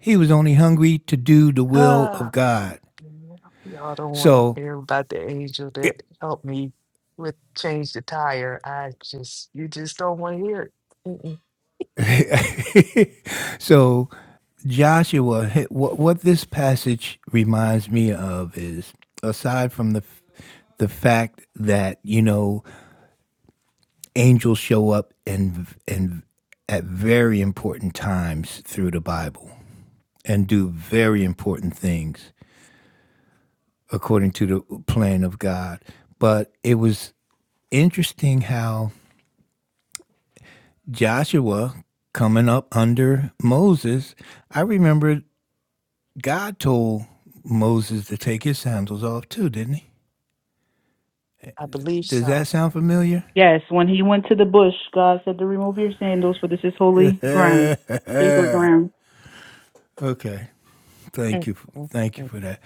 A: He was only hungry to do the will of
B: Ah,
A: God.
B: yeah, [sighs] y'all don't want to
A: So,
B: hear about the angel that helped me with change the tire. I just, you just don't want to hear it.
A: [laughs] so Joshua, what what this passage reminds me of is aside from the the fact that you know angels show up and and at very important times through the Bible and do very important things according to the plan of God. But it was interesting how Joshua coming up under Moses, I remember God told Moses to take his sandals off too, didn't he?
B: I believe
A: Does
B: so.
A: that sound familiar?
E: Yes, when he went to the bush, God said to remove your sandals, for this is
A: [laughs]
E: holy
A: okay.
E: ground, sacred ground.
A: Thank you. Thank you for
B: Because
A: that.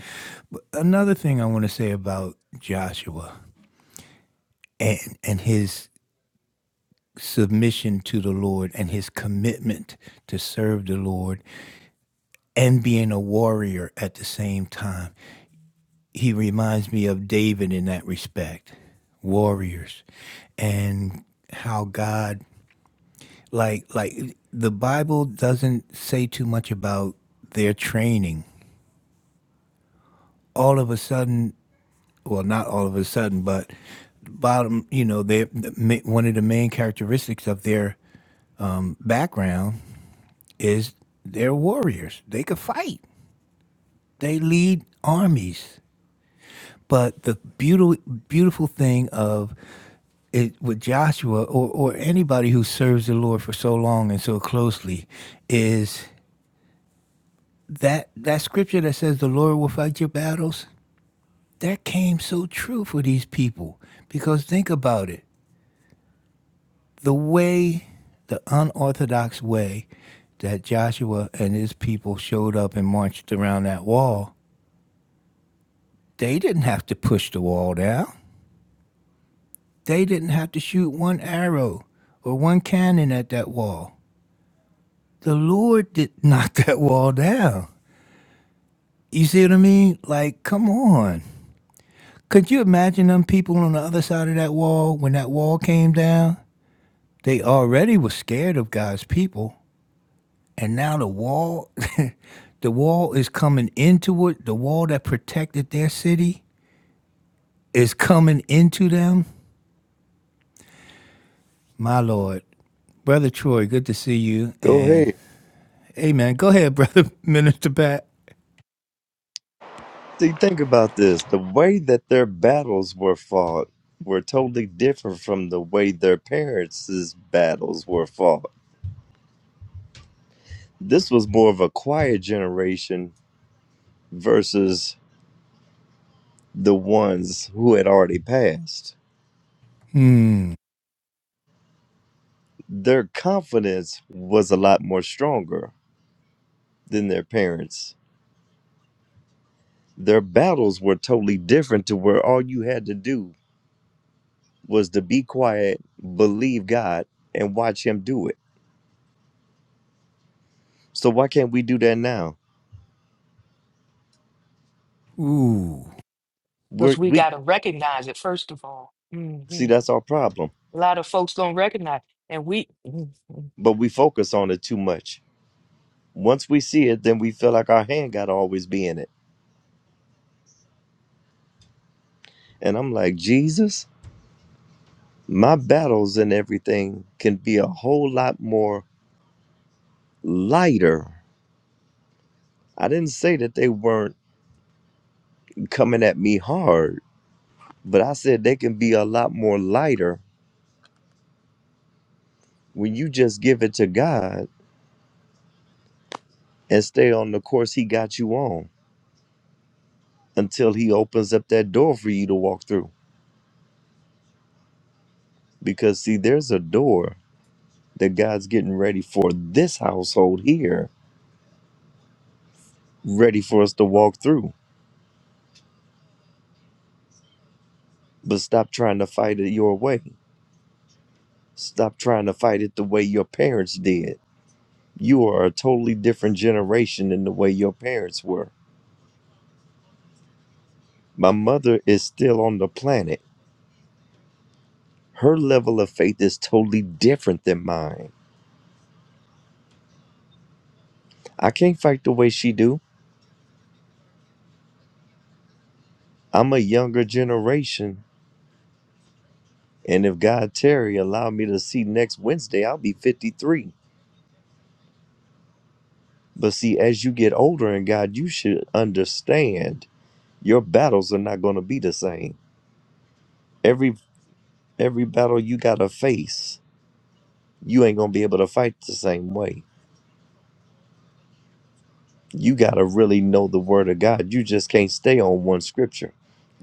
A: But another thing I want to say about Joshua and and his submission to the Lord and his commitment to serve the Lord and being a warrior at the same time. he reminds me of David in that respect, warriors, and how God like like the Bible doesn't say too much about their training. All of a sudden, well, not all of a sudden, but bottom, you know, they one of the main characteristics of their background is they're warriors. They could fight. They lead armies But the beautiful beautiful thing of it with Joshua or, or anybody who serves the Lord for so long and so closely is that that scripture that says the Lord will fight your battles, that came so true for these people. Because think about it. The way, the unorthodox way that Joshua and his people showed up and marched around that wall, they didn't have to push the wall down. They didn't have to shoot one arrow or one cannon at that wall. The Lord did [laughs] knock that wall down. You see what I mean? Like, come on. Could you imagine them people on the other side of that wall when that wall came down? They already were scared of God's people. And now the wall, [laughs] the wall is coming into it. The wall that protected their city is coming into them. My Lord. Brother Troy, good to see you.
C: Go
A: And
C: ahead.
A: Amen. Go ahead, brother [laughs] Minister Pat.
C: See, think about this. The way that their battles were fought were totally different from the way their parents' battles were fought. This was more of a quiet generation versus the ones who had already passed.
A: Hmm.
C: Their confidence was a lot more stronger than their parents their battles were totally different to where all you had to do was to be quiet, believe God, and watch Him do it. So why can't we do that now?
A: Ooh.
C: We're,
B: we
C: we
B: got to recognize it, first of all.
C: see
B: Mhm.
C: that's our problem,
B: A lot of folks don't recognize. And we, Mhm.
C: but we focus on it too much. Once we see it, then we feel like our hand got to always be in it. And I'm like, Jesus, my battles and everything can be a whole lot more lighter. I didn't say that they weren't coming at me hard, but I said they can be a lot more lighter when you just give it to God and stay on the course He got you on until He opens up that door for you to walk through. Because, see, there's a door that God's getting ready for this household here, ready for us to walk through. But stop trying to fight it your way. Stop trying to fight it the way your parents did. You are a totally different generation than the way your parents were. My mother is still on the planet. Her level of faith is totally different than mine. I can't fight the way she do. I'm a younger generation, and if God Terry allow me to see next Wednesday, I'll be 53. But see, as you get older in God, you should understand your battles are not going to be the same. Every every battle you got to face, you ain't going to be able to fight the same way. You got to really know the word of God. You just can't stay on one scripture.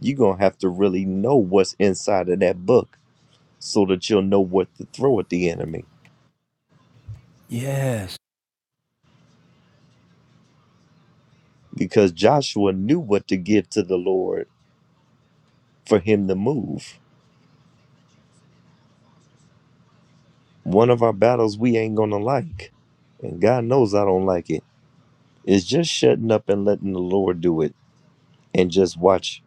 C: You're going to have to really know what's inside of that book so that you'll know what to throw at the enemy
A: Yes.
C: because Joshua knew what to give to the Lord for him to move. One of our battles we ain't gonna like, and God knows I don't like it. It's just shutting up and letting the Lord do it and just watch,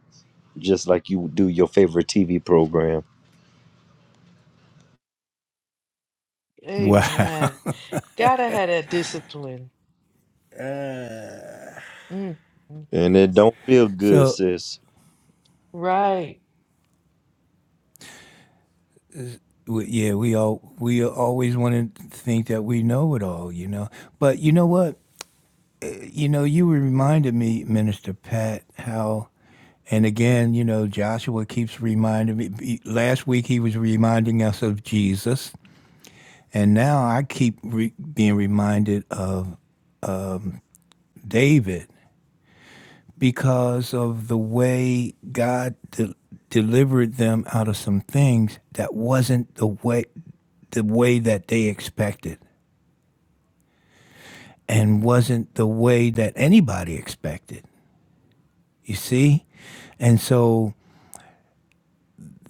C: just like you do your favorite TV program.
A: Wow. [laughs]
B: amen. Gotta have that discipline. mm mm.
C: And it don't feel good,
A: So
C: sis.
B: Right.
A: w- yeah, we all we always want to think that we know it all, you know. But you know what? You know, you reminded me, Minister Pat, how and again, you know, Joshua keeps reminding me. he- Last week he was reminding us of Jesus, and now I keep re- being reminded of David because of the way God de- delivered them out of some things that wasn't the way the way that they expected and wasn't the way that anybody expected. You see? And so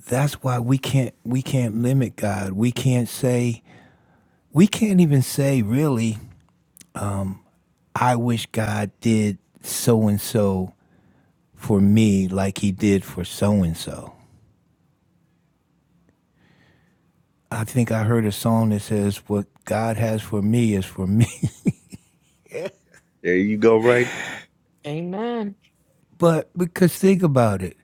A: that's why we can't we can't limit God. We can't say we can't even say really I wish God did so and so for me like he did for so and so. I think I heard a song that says, What God has for me is for me. [laughs]
C: There you go, right there.
B: Amen.
A: but because think about it.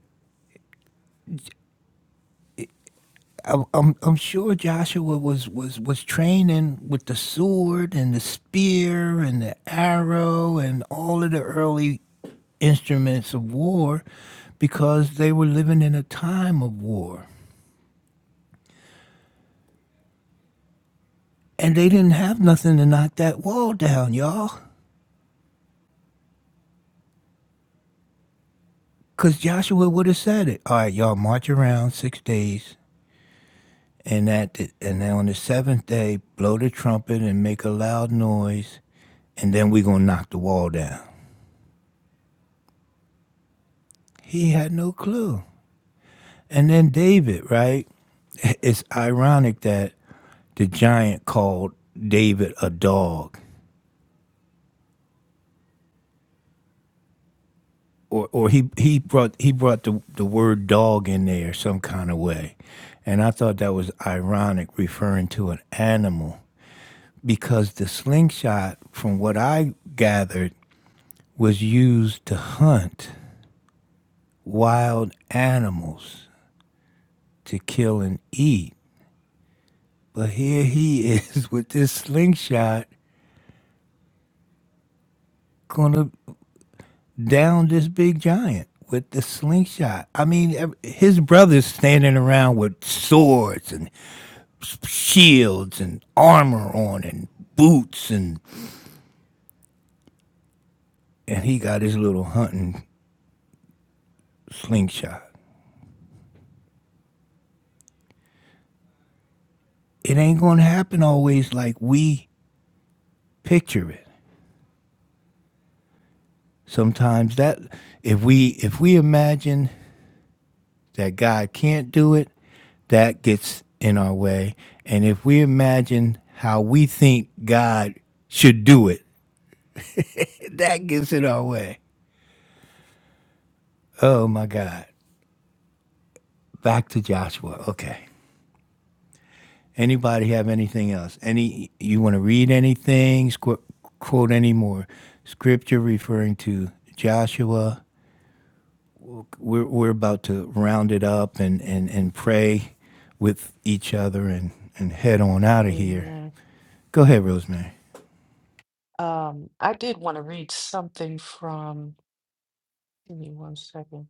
A: I'm, I'm, I'm sure Joshua was, was, was training with the sword and the spear and the arrow and all of the early instruments of war because they were living in a time of war. And they didn't have nothing to knock that wall down, y'all. Because Joshua would have said it. All right, y'all, march around six days and that and on the seventh day blow the trumpet and make a loud noise and then we're gonna knock the wall down he had no clue and then david right [laughs] it's ironic that the giant called david a dog or, or he, he brought he brought the, the word dog in there some kind of way and i thought that was ironic referring to an animal because the slingshot from what i gathered was used to hunt wild animals to kill and eat. But here he [laughs] is with this slingshot, gonna down this big giant with the slingshot. I mean, ev- his brother's standing around with swords and s- shields and armor on and boots, and and he got his little hunting slingshot. It ain't gonna happen always like we picture it sometimes that if we if we imagine that God can't do it, that gets in our way. And if we imagine how we think God should do it, that gets in our way. Oh my God. Back to Joshua. Okay. Anybody have anything else? Any you want to read anything, squ- quote any more scripture referring to Joshua? We're we're about to round it up and and and pray with each other and and head on out of here.
B: Amen.
A: Go ahead, Rosemary.
B: Um, I did want to read something from, give me one second.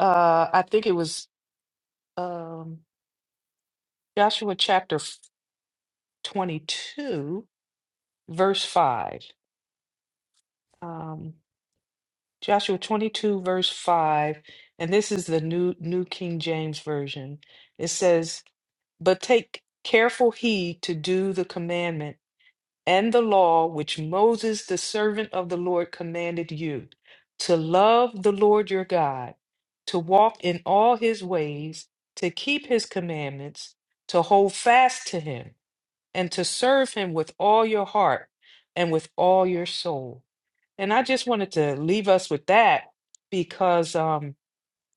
B: Uh, I think it was um, Joshua chapter f- 22, verse 5. um. Joshua 22, verse 5, and this is the New, New King James Version. It says, But take careful heed to do the commandment and the law which Moses, the servant of the Lord, commanded you to love the Lord your God, to walk in all his ways, to keep his commandments, to hold fast to him, and to serve him with all your heart and with all your soul. And I just wanted to leave us with that because um,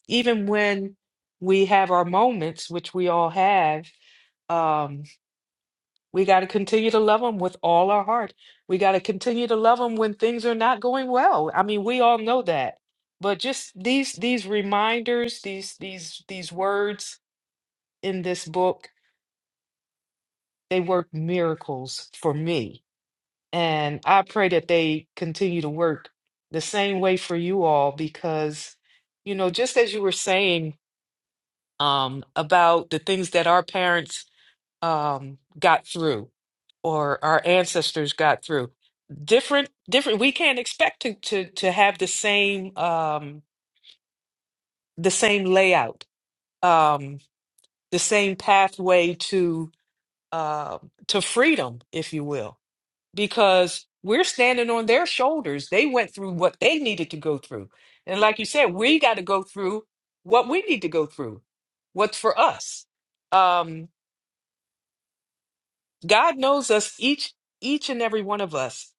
B: even when we have our moments, which we all have, um, we got to continue to love them with all our heart. We got to continue to love them when things are not going well. I mean, we all know that. But just these these reminders, these these these words in this book, they work miracles for me And I pray that they continue to work the same way for you all because, you know, just as you were saying um, about the things that our parents um, got through or our ancestors got through, different, different. We can't expect to to to have the same um, the same layout, um, the same pathway to uh, to freedom, if you will because we're standing on their shoulders. They went through what they needed to go through. And like you said, we got to go through what we need to go through, what's for us. Um, God knows us each, each and every one of us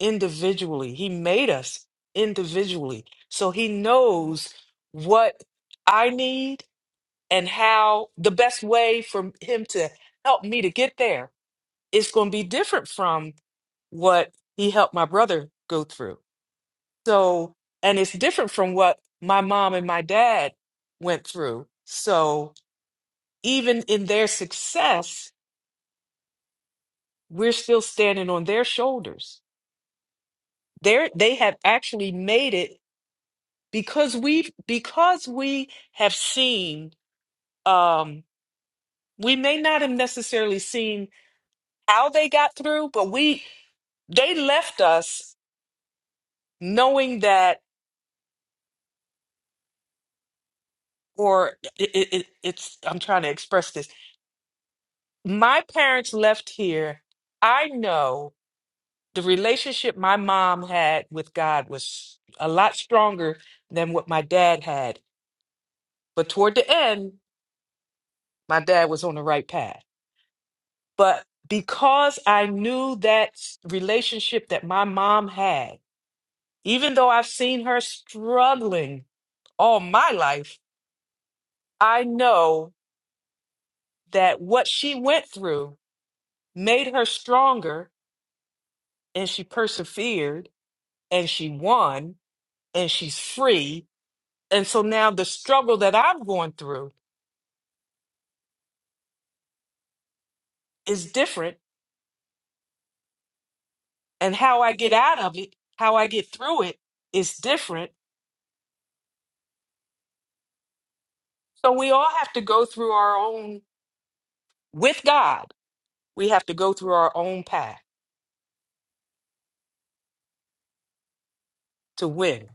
B: individually. He made us individually. So he knows what I need and how the best way for him to help me to get there is going to be different from what he helped my brother go through. So, and it's different from what my mom and my dad went through. So, even in their success, we're still standing on their shoulders. They they have actually made it because we because we have seen um we may not have necessarily seen how they got through, but we they left us knowing that or it, it, it- it's I'm trying to express this my parents left here, I know the relationship my mom had with God was a lot stronger than what my dad had. But toward the end, my dad was on the right path. But because I knew that s- relationship that my mom had, even though I've seen her struggling all my life, I know that what she went through made her stronger and she persevered and she won and she's free. And so now the struggle that I'm going through is different, and how I get out of it, how I get through it is different. So we all have to go through our own, with God, we have to go through our own path to win.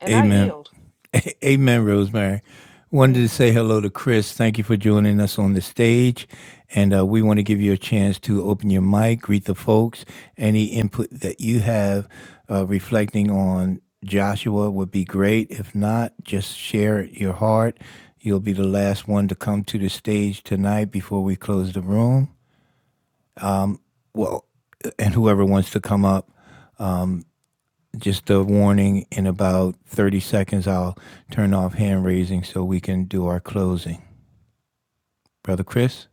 B: And I
A: Amen.
B: yield.
A: [laughs] A- Amen, Rosemary. Wanted to
B: hmm
A: say hello to Chris. Thank you for joining us on the stage. And uh, we want to give you a chance to open your mic, greet the folks. Any input that you have uh, reflecting on Joshua would be great. If not, just share your heart. You'll be the last one to come to the stage tonight before we close the room. Well, and whoever wants to come up. just a warning in about 30 seconds, I'll turn off hand raising so we can do our closing. Brother Chris?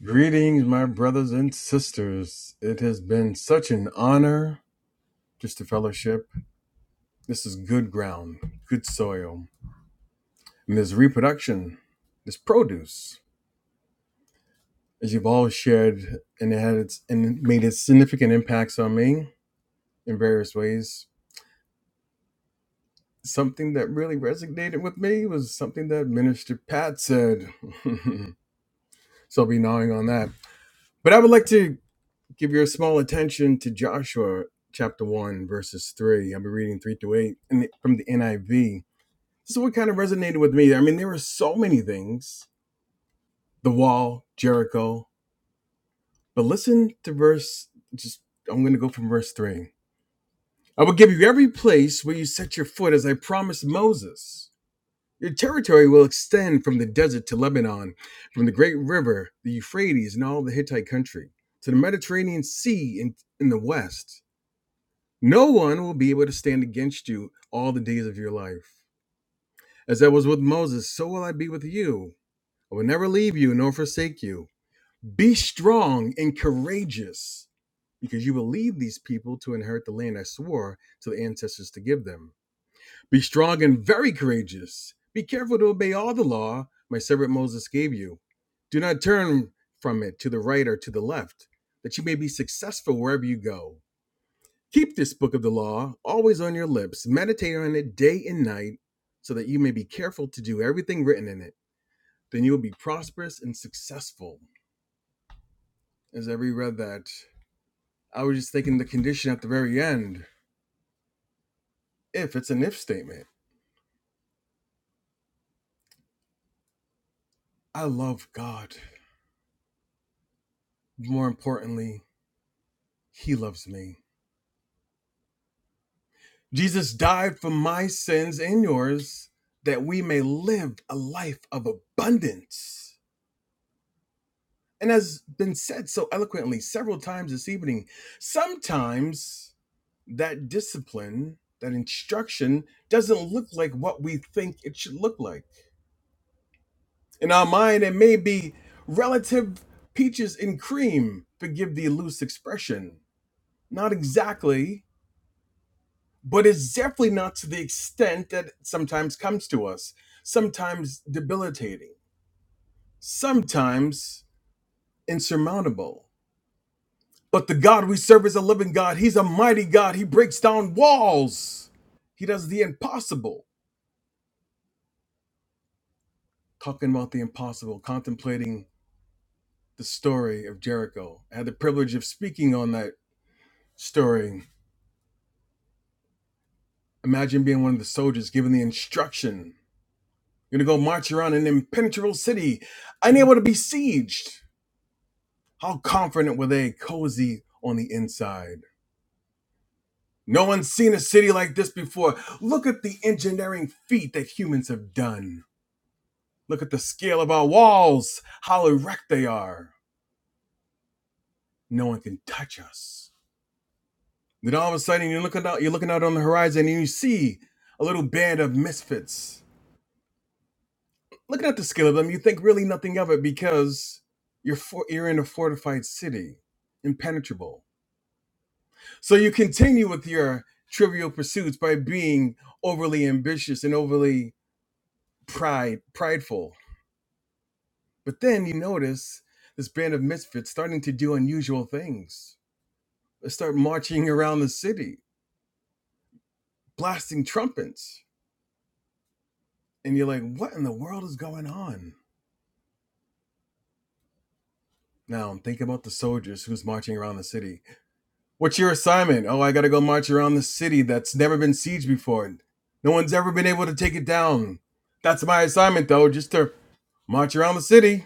F: Greetings, my brothers and sisters. It has been such an honor just to fellowship. This is good ground, good soil, and this reproduction, this produce, as you've all shared and it had its and it made its significant impacts on me in various ways. Something that really resonated with me was something that Minister Pat said. [laughs] so I'll be gnawing on that. But I would like to Give your small attention to Joshua chapter 1, verses 3. I'll be reading 3 to 8 from the NIV. This is what kind of resonated with me. I mean, there were so many things the wall, Jericho. But listen to verse, just, I'm going to go from verse 3. I will give you every place where you set your foot, as I promised Moses. Your territory will extend from the desert to Lebanon, from the great river, the Euphrates, and all the Hittite country, to the Mediterranean Sea in, in the west No one will be able to stand against you all the days of your life. As I was with Moses, so will I be with you. I will never leave you nor forsake you. Be strong and courageous, because you will lead these people to inherit the land I swore to the ancestors to give them. Be strong and very courageous. Be careful to obey all the law my servant Moses gave you. Do not turn from it to the right or to the left, that you may be successful wherever you go. Keep this book of the law always on your lips. Meditate on it day and night so that you may be careful to do everything written in it. Then you will be prosperous and successful. As I reread that, I was just thinking the condition at the very end. If it's an if statement, I love God. More importantly, He loves me. Jesus died for my sins and yours that we may live a life of abundance. and has been said so eloquently several times this evening. Sometimes that discipline, that instruction, doesn't look like what we think it should look like. In our mind, it may be relative peaches and cream, forgive the loose expression. Not exactly, but it's definitely not to the extent that it sometimes comes to us, sometimes debilitating, sometimes insurmountable. But the God we serve is a living God. He's a mighty God. He breaks down walls. He does the impossible. Talking about the impossible, contemplating the story of Jericho. I had the privilege of speaking on that story. Imagine being one of the soldiers given the instruction. You're gonna go march around an impenetrable city, unable to be sieged. How confident were they, cozy on the inside? No one's seen a city like this before. Look at the engineering feat that humans have done Look at the scale of our walls, how erect they are. No one can touch us. Then all of a sudden you're looking out you're looking out on the horizon and you see a little band of misfits. Looking at the scale of them, you think really nothing of it because you're for, you're in a fortified city, impenetrable. So you continue with your trivial pursuits by being overly ambitious and overly pride prideful. But then you notice this band of misfits starting to do unusual things start marching around the city, blasting trumpets. And you're like, what in the world is going on? Now I'm thinking about the soldiers who's marching around the city. What's your assignment? Oh, I gotta go march around the city that's never been sieged before. No one's ever been able to take it down. That's my assignment though, just to march around the city.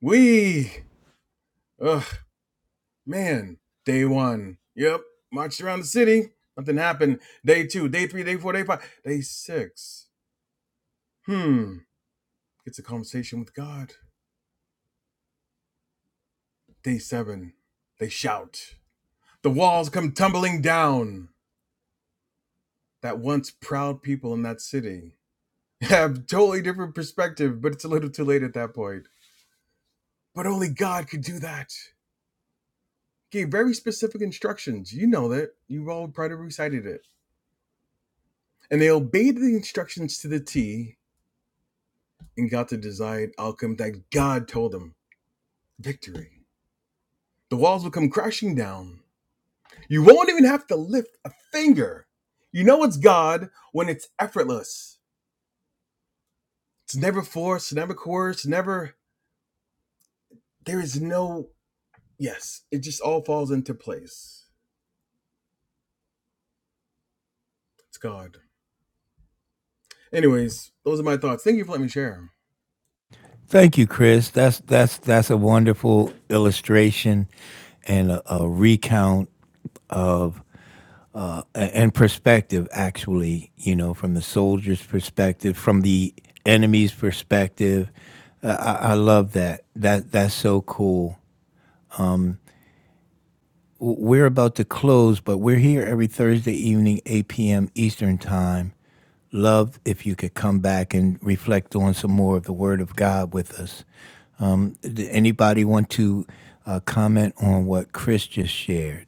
F: We Ugh, man. Day one. Yep. Marched around the city. Nothing happened. Day two, day three, day four, day five, day six. Hmm. It's a conversation with God. Day seven, they shout. The walls come tumbling down. That once proud people in that city [laughs] have totally different perspective, but it's a little too late at that point. But only God could do that. He Gave very specific instructions. You know that. You've all probably recited it. And they obeyed the instructions to the T and got the desired outcome that God told them. Victory. The walls will come crashing down. You won't even have to lift a finger. You know it's God when it's effortless It's never forced, never coerced, never. There is no. Yes, it just all falls into place. It's God. Anyways, those are my thoughts. Thank you for letting me share.
A: Thank you, Chris. That's, that's, that's a wonderful illustration and a, a recount of uh, and perspective, actually, you know, from the soldier's perspective, from the enemy's perspective. Uh, I, I love that. That that's so cool. we're about to close, but we're here every Thursday evening, 8 p.m. Eastern Time. Love if you could come back and reflect on some more of the Word of God with us. Um, d- anybody want to uh, comment on what Chris just shared?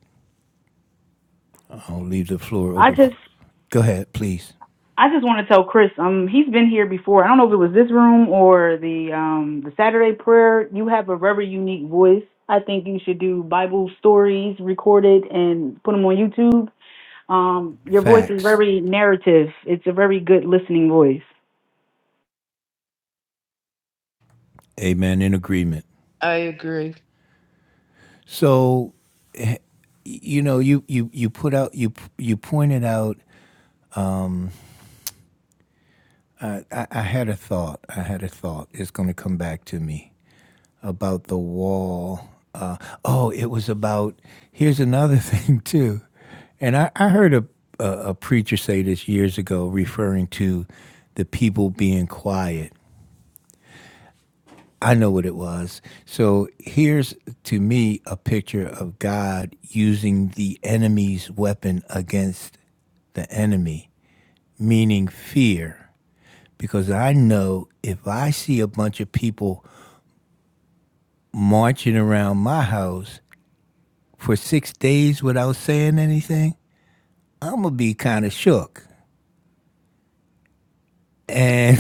A: I'll leave the floor
E: I
A: open.
E: just
A: Go ahead, please.
E: I just want to tell Chris, um, he's been here before. I don't know if it was this room or the um the Saturday prayer. You have a very unique voice. I think you should do Bible stories recorded and put them on YouTube. Um, your voice is
A: Facts.
E: very narrative. It's a very good listening voice.
A: Amen. In agreement.
B: I agree.
A: So, eh, you know, you you you put out you you pointed out. I, I had a thought. I had a thought. It's going to come back to me. about the wall. Uh, oh, it was about. Here's another [laughs] thing too, and I, I heard a, a a preacher say this years ago, referring to the people being quiet. I know what it was. So here's to me a picture of God using the enemy's weapon against the enemy, meaning fear. Because I know if I see a bunch of people marching around my house, for six days without saying anything, I'm gonna be kind of shook. And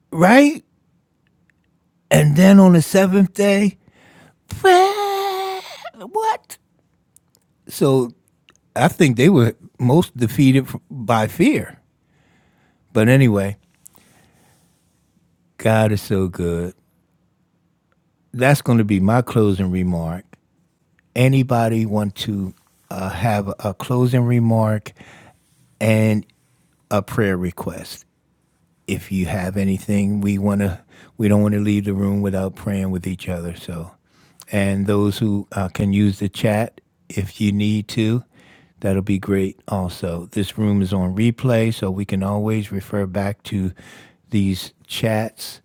A: [laughs] right, and then on the seventh day, [laughs] what? So I think they were most defeated by fear. But anyway, God is so good. That's going to be my closing remark. Anybody want to uh, have a closing remark and a prayer request? if you have anything, we want to. We don't want to leave the room without praying with each other. So, and those who uh, can use the chat if you need to, that'll be great. Also, this room is on replay, so we can always refer back to these chats.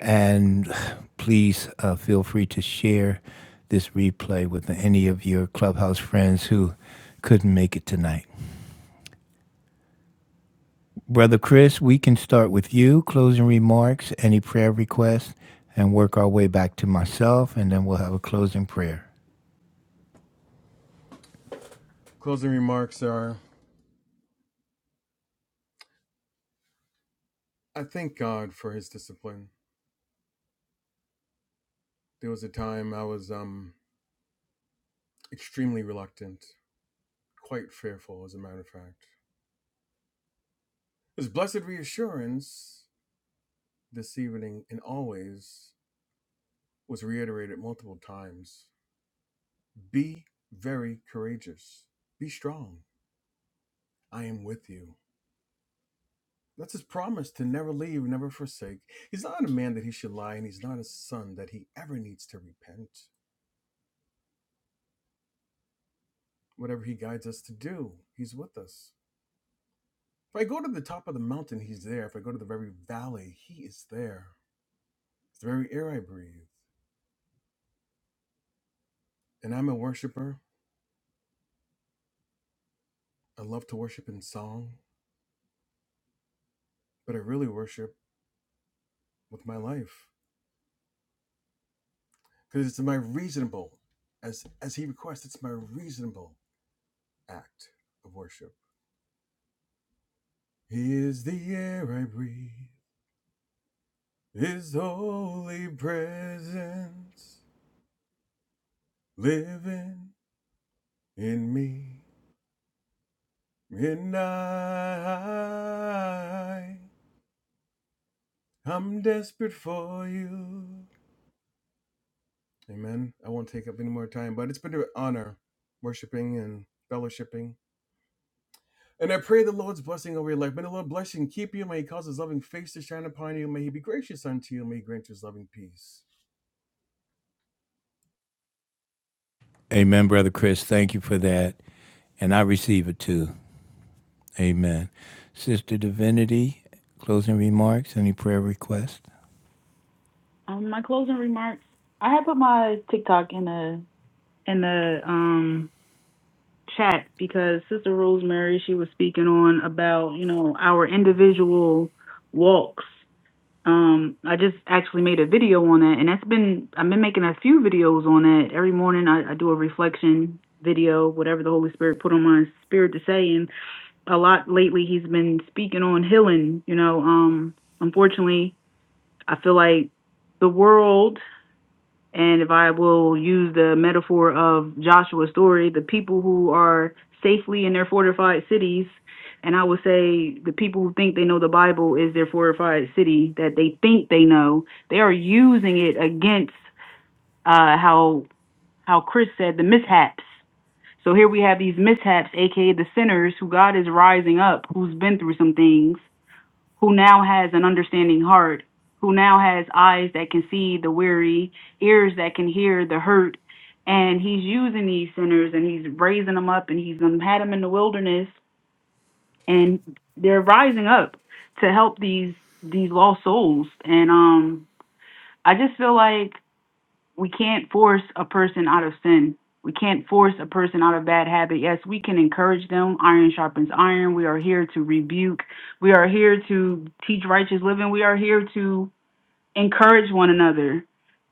A: And [sighs] please uh, feel free to share this replay with any of your clubhouse friends who couldn't make it tonight. Brother Chris, we can start with you, closing remarks, any prayer requests, and work our way back to myself, and then we'll have a closing prayer.
F: Closing remarks are I thank God for his discipline. There was a time I was um extremely reluctant, quite fearful, as a matter of fact. His blessed reassurance this evening and always was reiterated multiple times. Be very courageous. Be strong. I am with you. That's his promise to never leave, never forsake. He's not a man that he should lie, and he's not a son that he ever needs to repent. Whatever he guides us to do, he's with us. If I go to the top of the mountain, he's there. If I go to the very valley, he is there. It's the very air I breathe. And I'm a worshiper. I love to worship in song, but I really worship with my life. Because it's my reasonable, as as he requests, it's my reasonable act of worship. He is the air I breathe. His holy presence living in me. And I, I'm desperate for you. Amen. I won't take up any more time, but it's been an honor worshiping and fellowshipping. And I pray the Lord's blessing over your life. May the Lord bless you and keep you. May He cause His loving face to shine upon you. May He be gracious unto you. May He grant you His loving peace.
A: Amen, Brother Chris. Thank you for that. And I receive it too. Amen. Sister Divinity, closing remarks, any prayer requests?
E: Um, my closing remarks. I had put my TikTok in the in the um chat because Sister Rosemary she was speaking on about you know our individual walks Um, I just actually made a video on that, and that's been I've been making a few videos on that. Every morning I, I do a reflection video, whatever the Holy Spirit put on my spirit to say. And a lot lately he's been speaking on healing. You know, um, unfortunately I feel like the world and if I will use the metaphor of Joshua's story, the people who are safely in their fortified cities, and I would say the people who think they know the Bible is their fortified city that they think they know, they are using it against uh, how how Chris said the mishaps. So here we have these mishaps, aka the sinners, who God is rising up, who's been through some things, who now has an understanding heart, who now has eyes that can see the weary, ears that can hear the hurt. And he's using these sinners and he's raising them up and he's um, had them in the wilderness and they're rising up to help these these lost souls. And um I just feel like we can't force a person out of sin. We can't force a person out of bad habit. Yes, we can encourage them. Iron sharpens iron. We are here to rebuke. We are here to teach righteous living. We are here to encourage one another.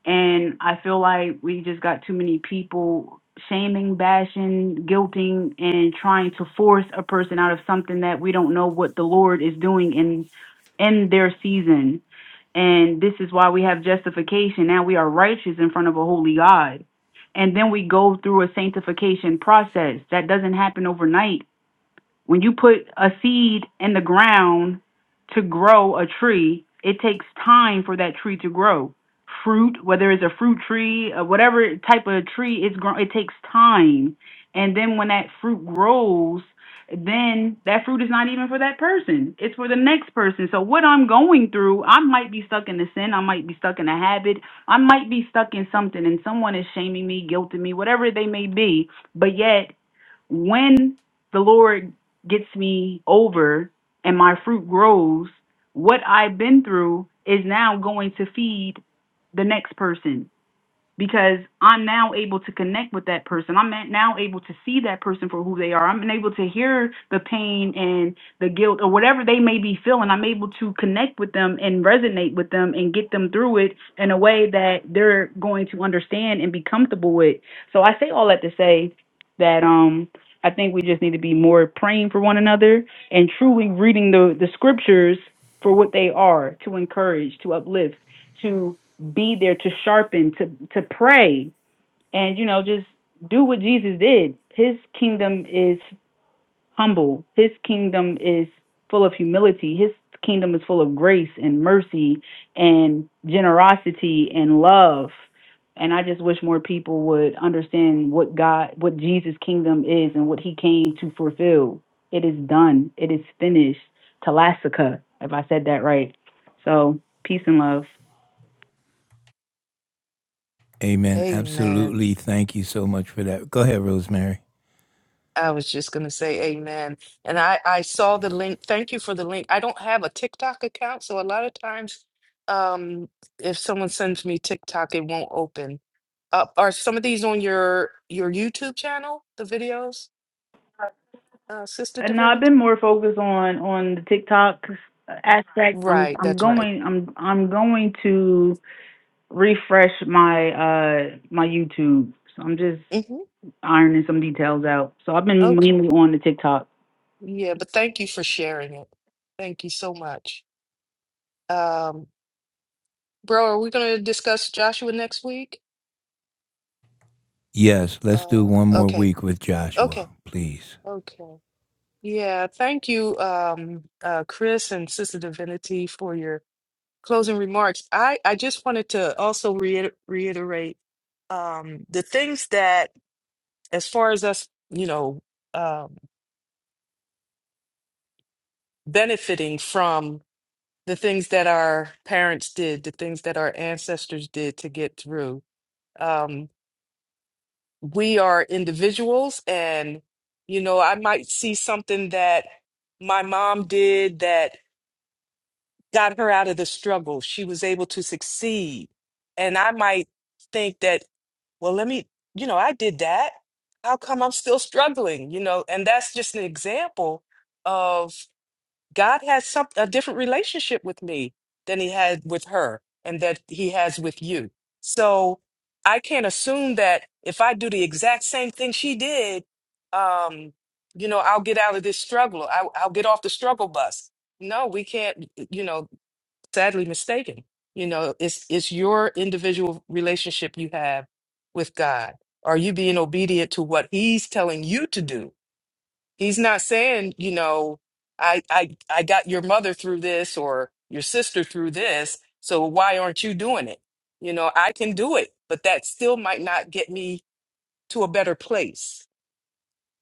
E: And I feel like we just got too many people shaming, bashing, guilting, and trying to force a person out of something that we don't know what the Lord is doing in in their season. And this is why we have justification. Now we are righteous in front of a holy God. And then we go through a sanctification process that doesn't happen overnight when you put a seed in the ground to grow a tree, it takes time for that tree to grow. Fruit, whether it's a fruit tree or whatever type of tree it's grown, it takes time. And then when that fruit grows, then that fruit is not even for that person. It's for the next person. So what I'm going through, I might be stuck in a sin, I might be stuck in a habit, I might be stuck in something and someone is shaming me, guilting me, whatever they may be. But yet when the Lord gets me over and my fruit grows, what I've been through is now going to feed the next person because I'm now able to connect with that person. I'm now able to see that person for who they are. I'm able to hear the pain and the guilt or whatever they may be feeling. I'm able to connect with them and resonate with them and get them through it in a way that they're going to understand and be comfortable with. So I say all that to say that um I think we just need to be more praying for one another and truly reading the the scriptures for what they are to encourage, to uplift, to be there to sharpen, to to pray, and you know just do what Jesus did. His kingdom is humble. His kingdom is full of humility. His kingdom is full of grace and mercy and generosity and love. And I just wish more people would understand what God, what Jesus' kingdom is and what he came to fulfill. It is done. It is finished. Telasica, if I said that right. So, peace and love.
A: Amen.
B: Amen.
A: Absolutely. Thank you so much for that. Go ahead, Rosemary.
B: I was just going to say amen. And I, I saw the link. Thank you for the link. I don't have a TikTok account. So a lot of times, um, if someone sends me TikTok, it won't open. Up are some of these on your your YouTube channel, the videos, uh, Sister
E: Uh, No, I've been
B: Divinity?
E: more focused on on the TikTok aspect. I'm
B: Right,
E: I'm
B: that's right.
E: going I'm I'm going to refresh my uh my YouTube. So I'm just
B: hmm
E: ironing some details out. So I've been
B: Okay.
E: mainly on the TikTok.
B: Yeah, but thank you for sharing it. Thank you so much. Um, bro, are we going to discuss Joshua next week?
A: Yes, let's do
B: Uh,
A: one more
B: okay.
A: week with Joshua,
B: Okay.
A: please.
B: Okay. Yeah, thank you, um, uh, Chris and Sister Divinity for your closing remarks. I, I just wanted to also reiter reiterate um, the things that as far as us, you know, um, benefiting from the things that our parents did, the things that our ancestors did to get through, um, we are individuals. And, you know, I might see something that my mom did that got her out of the struggle. She was able to succeed. And I might think that, well, let me, you know, I did that. How come I'm still struggling? You know, and that's just an example of God has some a different relationship with me than he had with her and that he has with you. So I can't assume that if I do the exact same thing she did, um, you know, I'll get out of this struggle. I, I'll get off the struggle bus. No, we can't, you know, sadly mistaken. You know, it's it's your individual relationship you have with God. Are you being obedient to what he's telling you to do? He's not saying, you know, I I I got your mother through this or your sister through this, so why aren't you doing it? You know, I can do it, but that still might not get me to a better place.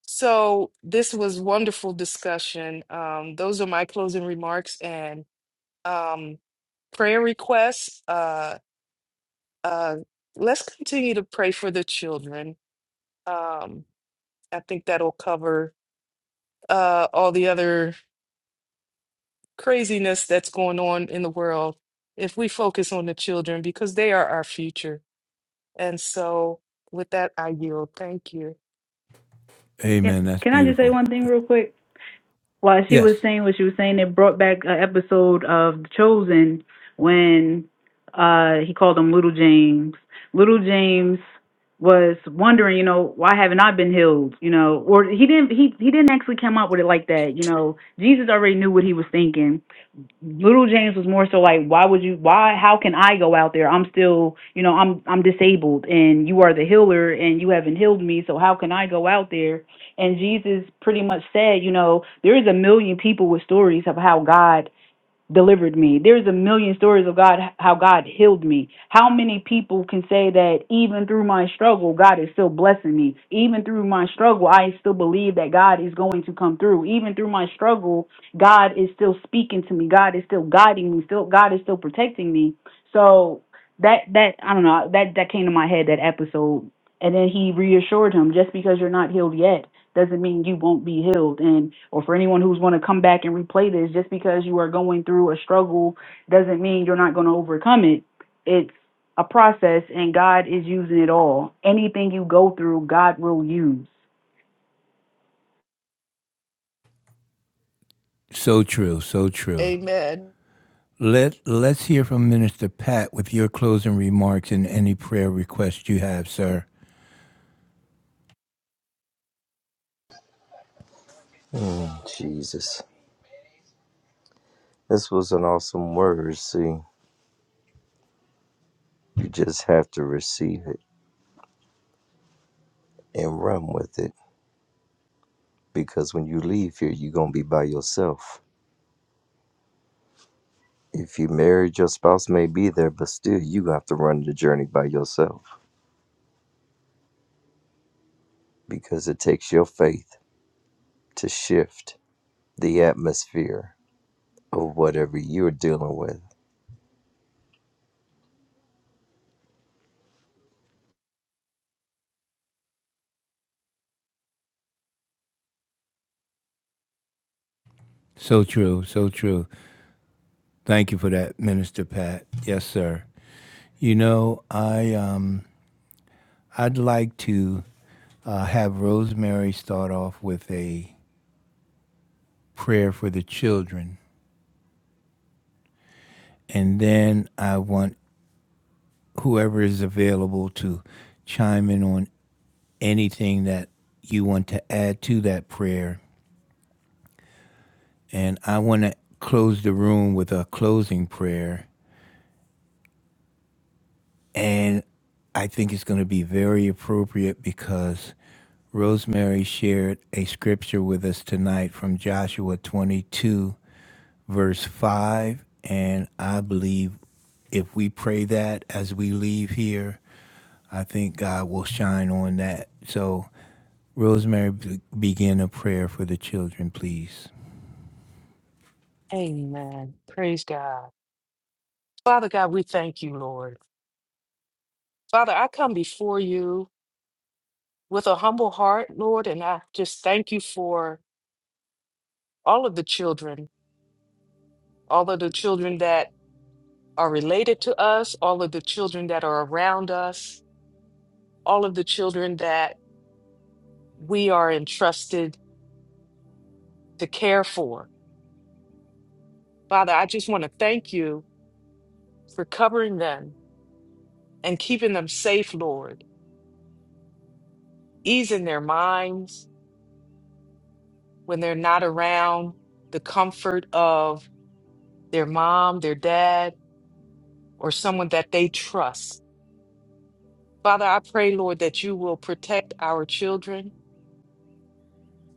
B: So this was wonderful discussion. Um, those are my closing remarks and um, prayer requests. Uh, uh, let's continue to pray for the children. Um, I think that'll cover uh, all the other craziness that's going on in the world if we focus on the children because they are our future. And so, with that, I yield. Thank you.
E: Yeah.
A: Amen. That's
E: Can I just say
A: beautiful.
E: one thing
A: Th-
E: real quick? while she was
A: Yes.
E: saying what she was saying, it brought back an episode of The Chosen when uh he called him Little James. Little James was wondering, you know, why haven't I been healed? You know, or he didn't he he didn't actually come up with it like that, you know. Jesus already knew what he was thinking little James was more so like, why would you? Why? How can I go out there? I'm still, you know, I'm I'm disabled, and you are the healer, and you haven't healed me. So how can I go out there? And Jesus pretty much said, you know, there is a million people with stories of how God delivered me. There's a million stories of God, how God healed me. How many people can say that even through my struggle, God is still blessing me? Even through my struggle, I still believe that God is going to come through. Even through my struggle, God is still speaking to me. God is still guiding me. Still, God is still protecting me. So that that I don't know that that came to my head that episode and then he reassured him, just because you're not healed yet doesn't mean you won't be healed. And or for anyone who's going to come back and replay this, just because you are going through a struggle doesn't mean you're not going to overcome it. It's a process, and God is using it all. Anything you go through, God will use.
A: So true. So true.
B: Amen.
A: Let, let's hear from Minister Pat with your closing remarks and any prayer requests you have, sir.
C: Jesus, this was an awesome word. See, you just have to receive it and run with it because when you leave here, you're gonna be by yourself If you married, your spouse may be there, but still you have to run the journey by yourself because it takes your faith to shift the atmosphere of whatever you're dealing with.
A: So true, so true. Thank you for that, Minister Pat. Yes, sir. You know, I, um, I'd like to uh, have Rosemary start off with a prayer for the children. And then I want whoever is available to chime in on anything that you want to add to that prayer And I want to close the room with a closing prayer. And I think it's going to be very appropriate because Rosemary shared a scripture with us tonight from Joshua 22, verse 5. And I believe if we pray that as we leave here, I think God will shine on that. So, Rosemary, be- begin a prayer for the children, please.
B: Amen. Praise God. Father God, we thank you, Lord. Father, I come before you with a humble heart, Lord, and I just thank you for all of the children, all of the children that are related to us, all of the children that are around us, all of the children that we are entrusted to care for. Father, I just want to thank you for covering them and keeping them safe, Lord, easing their minds when they're not around the comfort of their mom, their dad, or someone that they trust. Father, I pray, Lord, that you will protect our children,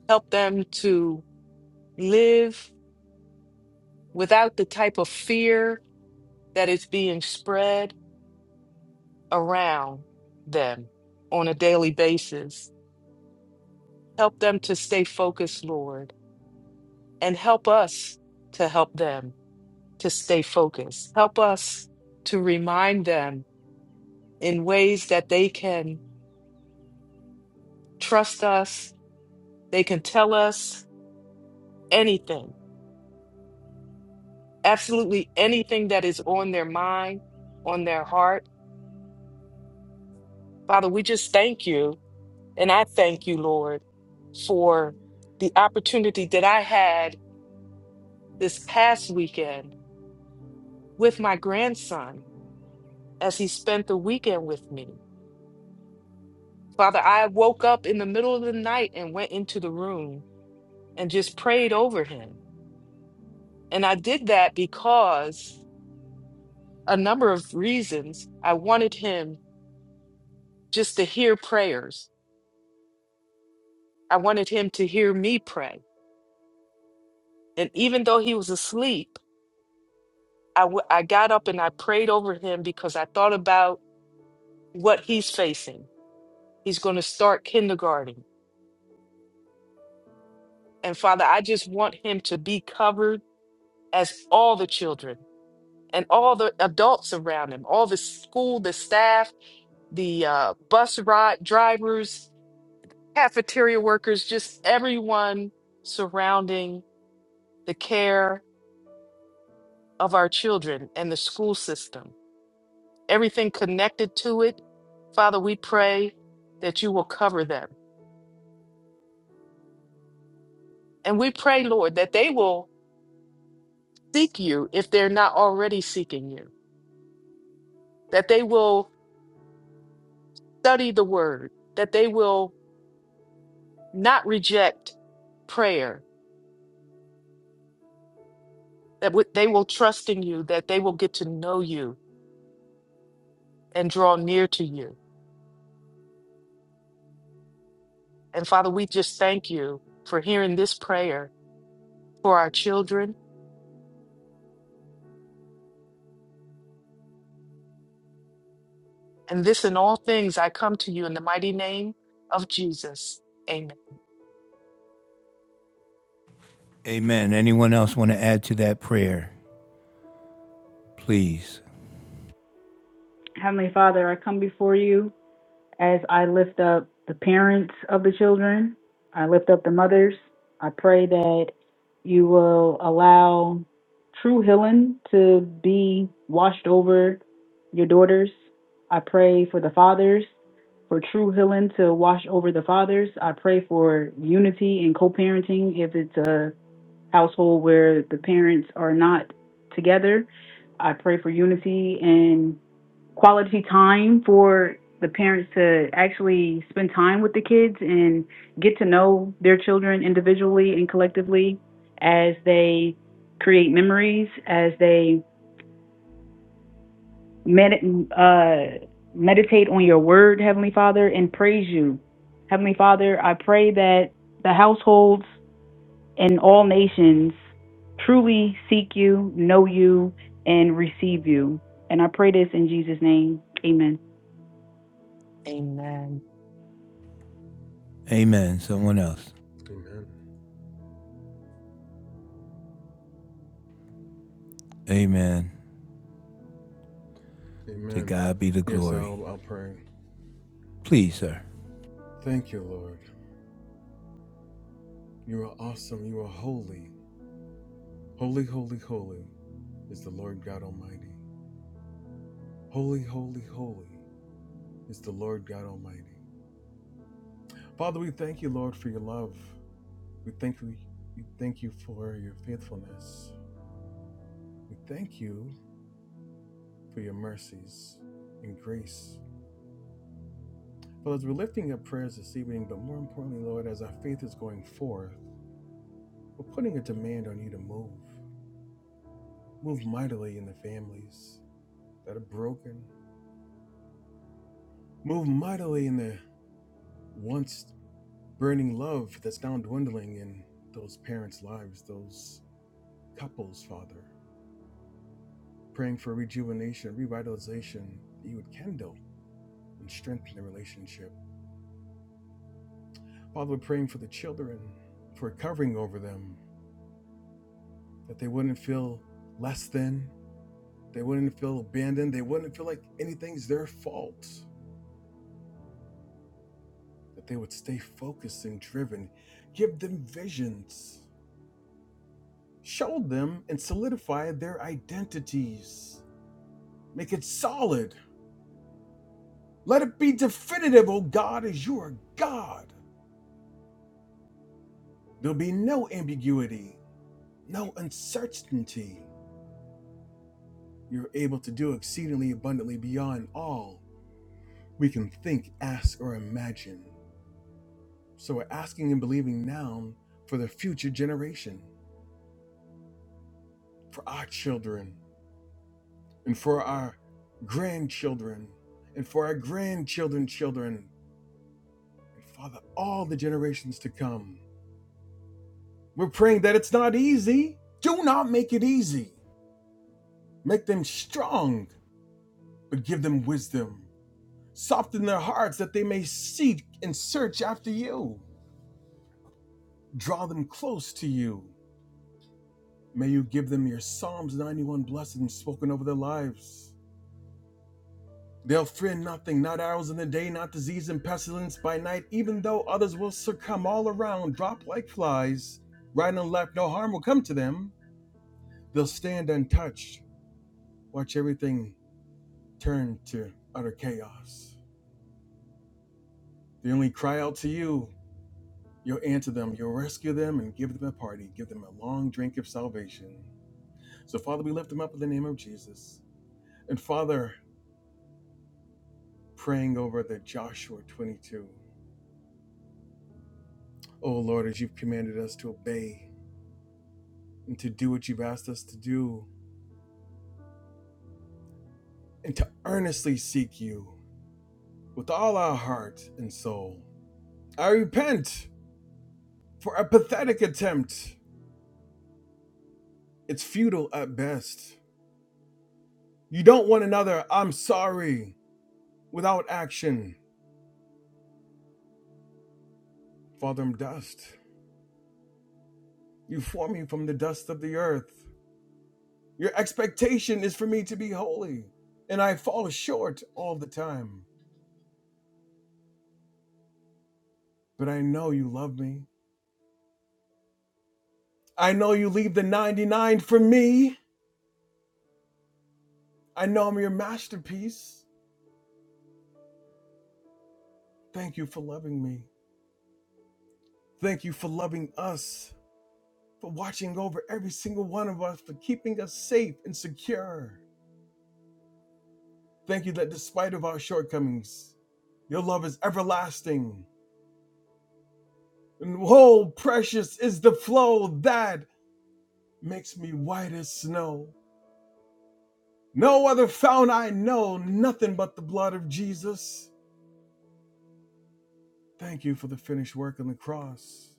B: help them to live without the type of fear that is being spread around them on a daily basis. Help them to stay focused, Lord and help us to help them to stay focused. Help us to remind them in ways that they can trust us, they can tell us anything, absolutely anything that is on their mind, on their heart. Father, we just thank you. And I thank you, Lord, for the opportunity that I had this past weekend with my grandson as he spent the weekend with me. Father, I woke up in the middle of the night and went into the room and just prayed over him. And I did that because a number of reasons. I wanted him just to hear prayers, I wanted him to hear me pray. And even though he was asleep, I, w- I got up and I prayed over him because I thought about what he's facing. He's going to start kindergarten. And Father, I just want him to be covered as all the children and all the adults around him, all the school, the staff, the uh, bus ride drivers, cafeteria workers, just everyone surrounding the care of our children and the school system, everything connected to it. Father, we pray that you will cover them. And we pray, Lord, that they will seek you if they're not already seeking you, that they will study the word, that they will not reject prayer, that w- they will trust in you, that they will get to know you and draw near to you. And Father, we just thank you for hearing this prayer for our children. And this in all things, I come to you in the mighty name of Jesus. Amen.
A: Amen. Anyone else want to add to that prayer? Please.
E: Heavenly Father, I come before you. As I lift up the parents of the children, I lift up the mothers. I pray that you will allow true healing to be washed over your daughters. I pray for the fathers, for true healing to wash over the fathers. I pray for unity and co parenting if it's a household where the parents are not together. I pray for unity and quality time for the parents to actually spend time with the kids and get to know their children individually and collectively as they create memories, as they med- uh, meditate on your word, Heavenly Father, and praise you. Heavenly Father, I pray that the households in all nations truly seek you, know you, and receive you. And I pray this in Jesus' name. Amen.
B: Amen.
A: Amen. Someone else.
F: Amen.
A: Amen. To
F: Amen.
A: God be the
F: Yes,
A: glory.
F: I'll, I'll pray.
A: Please, sir.
F: Thank you, Lord. You are awesome. You are holy. Holy, holy, holy is the Lord God Almighty. Holy, holy, holy is the Lord God Almighty. Father, we thank you, Lord, for your love. We thank you, we thank you for your faithfulness. We thank you for your mercies and grace. Father, as we're lifting up prayers this evening, but more importantly, Lord, as our faith is going forth, we're putting a demand on you to move. Move mightily in the families that are broken. Move mightily in the once burning love that's now dwindling in those parents' lives, those couples, Father, praying for rejuvenation, revitalization, that you would kindle and strengthen the relationship. Father, we're praying for the children, for covering over them, that they wouldn't feel less than, they wouldn't feel abandoned, they wouldn't feel like anything's their fault, that they would stay focused and driven. Give them visions, show them and solidify their identities, make it solid Let it be definitive, O God, as you are God. There'll be no ambiguity, no uncertainty. You're able to do exceedingly abundantly beyond all we can think, ask, or imagine. So we're asking and believing now for the future generation, for our children, and for our grandchildren, and for our grandchildren's children, and Father, all the generations to come. We're praying that it's not easy. Do not make it easy Make them strong, but give them wisdom. Soften their hearts that they may seek and search after you. Draw them close to you. May you give them your Psalms 91 blessings spoken over their lives. They'll fear nothing, not arrows in the day, not disease and pestilence by night, even though others will succumb all around, drop like flies, right and left, no harm will come to them. They'll stand untouched, watch everything turn to utter chaos. They only cry out to you You'll answer them, you'll rescue them, and give them a party, give them a long drink of salvation. So, Father, we lift them up in the name of Jesus. And, Father, praying over the Joshua 22. Oh, Lord, as you've commanded us to obey and to do what you've asked us to do and to earnestly seek you with all our heart and soul. I repent for a pathetic attempt. It's futile at best. You don't want another, I'm sorry, without action. Father, I'm dust. You formed me from the dust of the earth. Your expectation is for me to be holy, and I fall short all the time. But I know you love me. I know you leave the 99 for me. I know I'm your masterpiece. Thank you for loving me. Thank you for loving us, for watching over every single one of us, for keeping us safe and secure. Thank you that despite of our shortcomings, your love is everlasting. And oh, precious is the flow that makes me white as snow. No other fount I know, nothing but the blood of Jesus. Thank you for the finished work on the cross.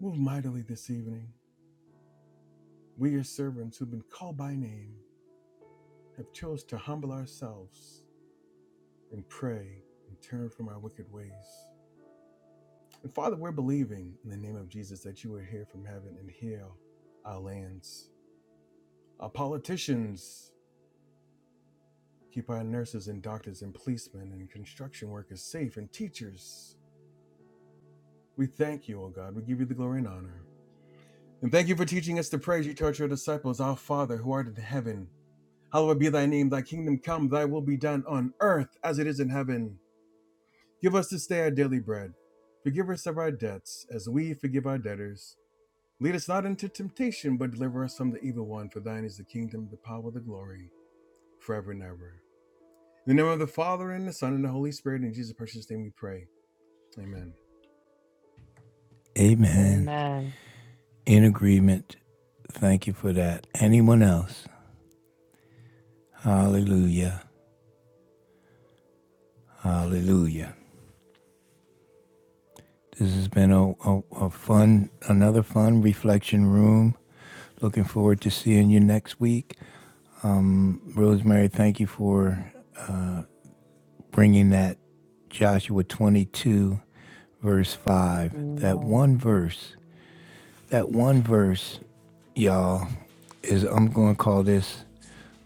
F: Move mightily this evening. We, your servants who've been called by name, have chose to humble ourselves and pray and turn from our wicked ways. And Father, we're believing in the name of Jesus that you would hear from heaven and heal our lands. Our politicians keep our nurses and doctors and policemen and construction workers safe and teachers We thank you, O God. We give you the glory and honor. And thank you for teaching us to pray as you taught your disciples, Our Father who art in heaven. Hallowed be thy name, thy kingdom come, thy will be done on earth as it is in heaven. Give us this day our daily bread. Forgive us of our debts, as we forgive our debtors. Lead us not into temptation, but deliver us from the evil one. For thine is the kingdom, the power, the glory, forever and ever. In the name of the Father, and the Son, and the Holy Spirit, in Jesus' precious name we pray. Amen.
A: Amen.
B: Amen.
A: In agreement. Thank you for that. Anyone else? Hallelujah. Hallelujah. This has been a, a, a fun, another fun reflection room. Looking forward to seeing you next week. Um, Rosemary, thank you for bringing that Joshua 22, verse 5, that
B: Amen.
A: one verse that one verse, y'all, is I'm going to call this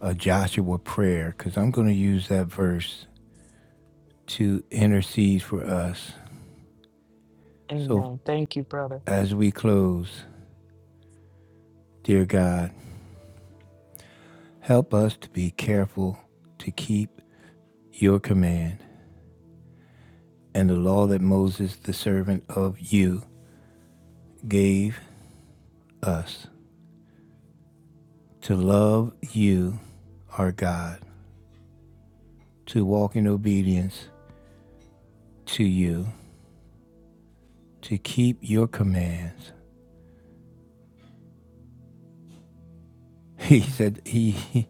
A: a Joshua prayer because I'm going to use that verse to intercede for us. So
B: Amen. Thank you, brother.
A: as we close, dear God, help us to be careful to keep your command and the law that Moses, the servant of you, gave us to love you, our God, to walk in obedience to you, to keep your commands He said he, he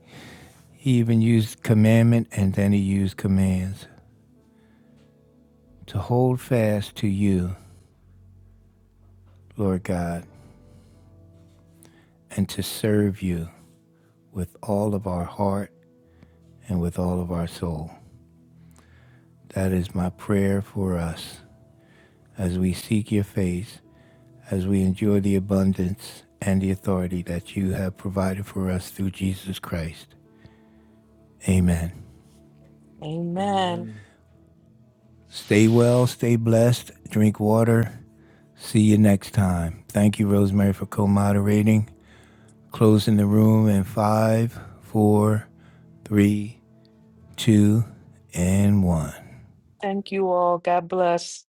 A: even used commandment and then he used commands to hold fast to you, Lord God, and to serve you with all of our heart and with all of our soul. That is my prayer for us as we seek your face, as we enjoy the abundance and the authority that you have provided for us through Jesus Christ. Amen.
B: Amen.
F: Amen.
A: Stay well, stay blessed, drink water. See you next time. Thank you, Rosemary, for co moderating. Closing the room in five, four, three, two, and one.
B: Thank you all. God bless.